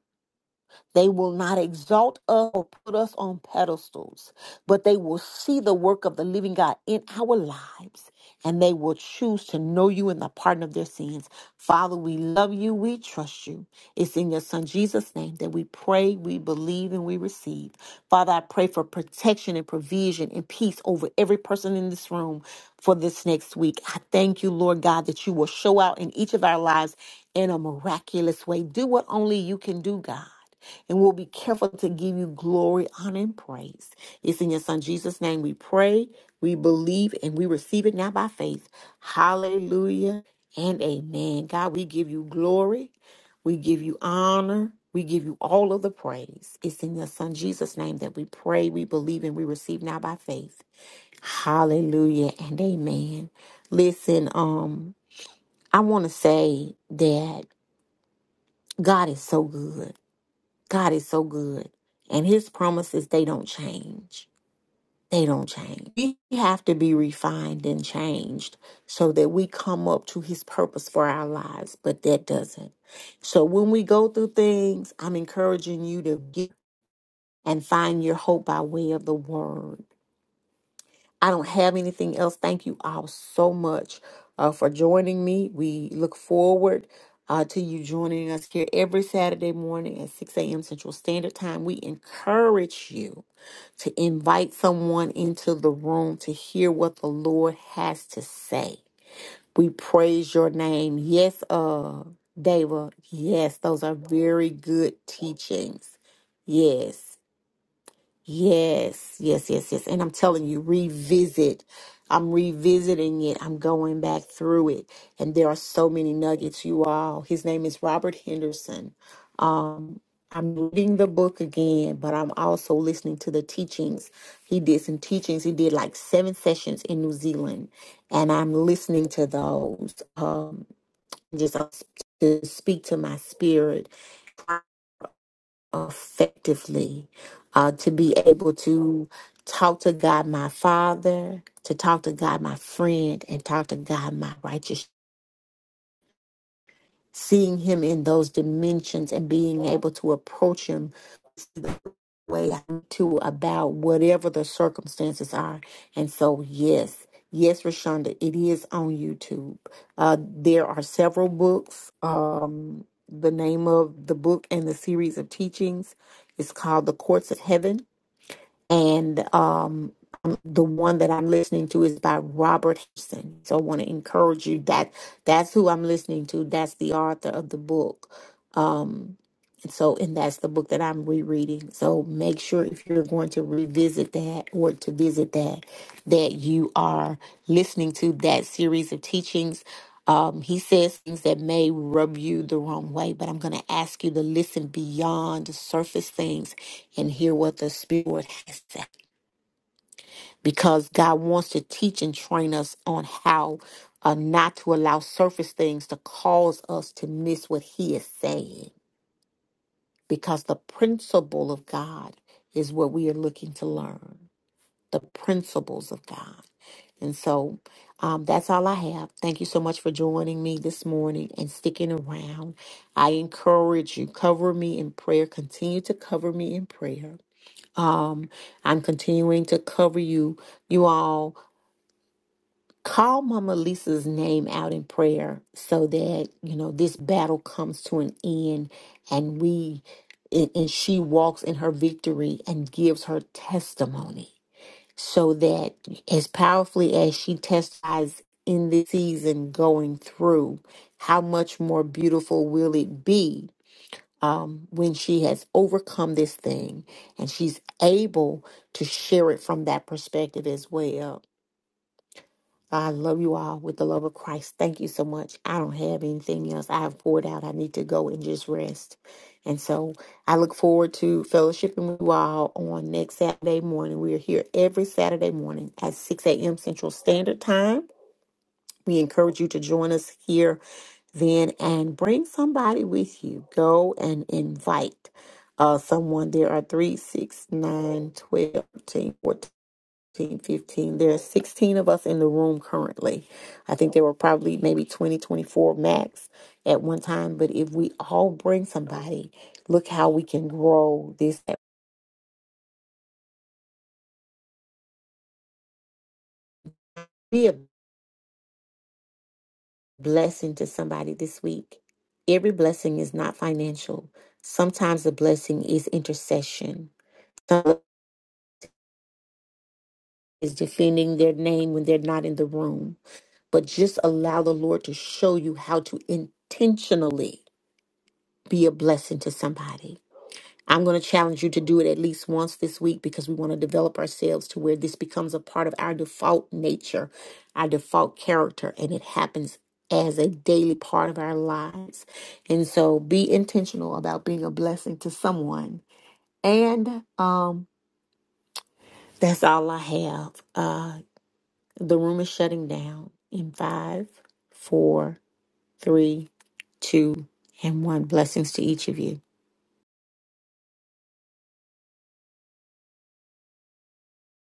they will not exalt us or put us on pedestals, but they will see the work of the living God in our lives and they will choose to know you in the pardon of their sins. Father, we love you. We trust you. It's in your son Jesus' name that we pray, we believe, and we receive. Father, I pray for protection and provision and peace over every person in this room for this next week. I thank you, Lord God, that you will show out in each of our lives in a miraculous way. Do what only you can do, God and we'll be careful to give you glory, honor, and praise. It's in your Son Jesus' name we pray, we believe, and we receive it now by faith. Hallelujah and amen. God, we give you glory, we give you honor, we give you all of the praise. It's in your Son Jesus' name that we pray, we believe, and we receive now by faith. Hallelujah and amen. Listen, um, I want to say that God is so good. God is so good. And his promises, they don't change. They don't change. We have to be refined and changed so that we come up to his purpose for our lives, but that doesn't. So when we go through things, I'm encouraging you to get and find your hope by way of the word. I don't have anything else. Thank you all so much uh, for joining me. We look forward uh, to you joining us here every Saturday morning at 6 a.m. Central Standard Time. We encourage you to invite someone into the room to hear what the Lord has to say. We praise your name. Yes, uh, Deva. Yes, those are very good teachings. Yes. Yes, yes, yes, yes. And I'm telling you, revisit. I'm revisiting it. I'm going back through it. And there are so many nuggets, you all. His name is Robert Henderson. I'm reading the book again, but I'm also listening to the teachings. He did some teachings. He did like seven sessions in New Zealand. And I'm listening to those. Um, just uh, to speak to my spirit effectively uh, to be able to talk to God, my Father, to talk to God, my friend, and talk to God, my righteous. Seeing Him in those dimensions and being able to approach Him the way I need to about whatever the circumstances are. And so, yes. Yes, Rashonda, it is on YouTube. Uh, there are several books. Um, the name of the book and the series of teachings is called The Courts of Heaven and um, um, the one that I'm listening to is by Robert Henderson. So I want to encourage you that that's who I'm listening to. That's the author of the book. Um, and so, and that's the book that I'm rereading. So make sure if you're going to revisit that or to visit that, that you are listening to that series of teachings. Um, he says things that may rub you the wrong way, but I'm going to ask you to listen beyond the surface things and hear what the Spirit has said, Because God wants to teach and train us on how uh, not to allow surface things to cause us to miss what He is saying because the principle of God is what we are looking to learn the principles of God. And so um, that's all I have. Thank you so much for joining me this morning and sticking around. I encourage you, cover me in prayer. Continue to cover me in prayer. Um, I'm continuing to cover you, you all Call Mama Lisa's name out in prayer so that, you know, this battle comes to an end and we and and she walks in her victory and gives her testimony so that as powerfully as she testifies in this season going through, how much more beautiful will it be um, when she has overcome this thing and she's able to share it from that perspective as well I love you all with the love of Christ. Thank you so much. I don't have anything else. I have poured out. I need to go and just rest. And so I look forward to fellowshipping with you all on next Saturday morning. We are here every Saturday morning at 6 a.m. Central Standard Time. We encourage you to join us here then and bring somebody with you. Go and invite uh, someone. There are 3, 6, 9, 12, 13, fourteen. 15, fifteen. There are 16 of us in the room currently. I think there were probably maybe 20, 24 max at one time. But if we all bring somebody, look how we can grow this. Be a blessing to somebody this week. Every blessing is not financial. Sometimes the blessing is intercession. Some is defending their name when they're not in the room. But just allow the Lord to show you how to intentionally be a blessing to somebody I'm going to challenge you to do it at least once this week because we want to develop ourselves to where this becomes a part of our default nature, our default character, and it happens as a daily part of our lives. And so be intentional about being a blessing to someone. And um that's all I have. Uh the room is shutting down in five, four, three, two, and one. Blessings to each of you.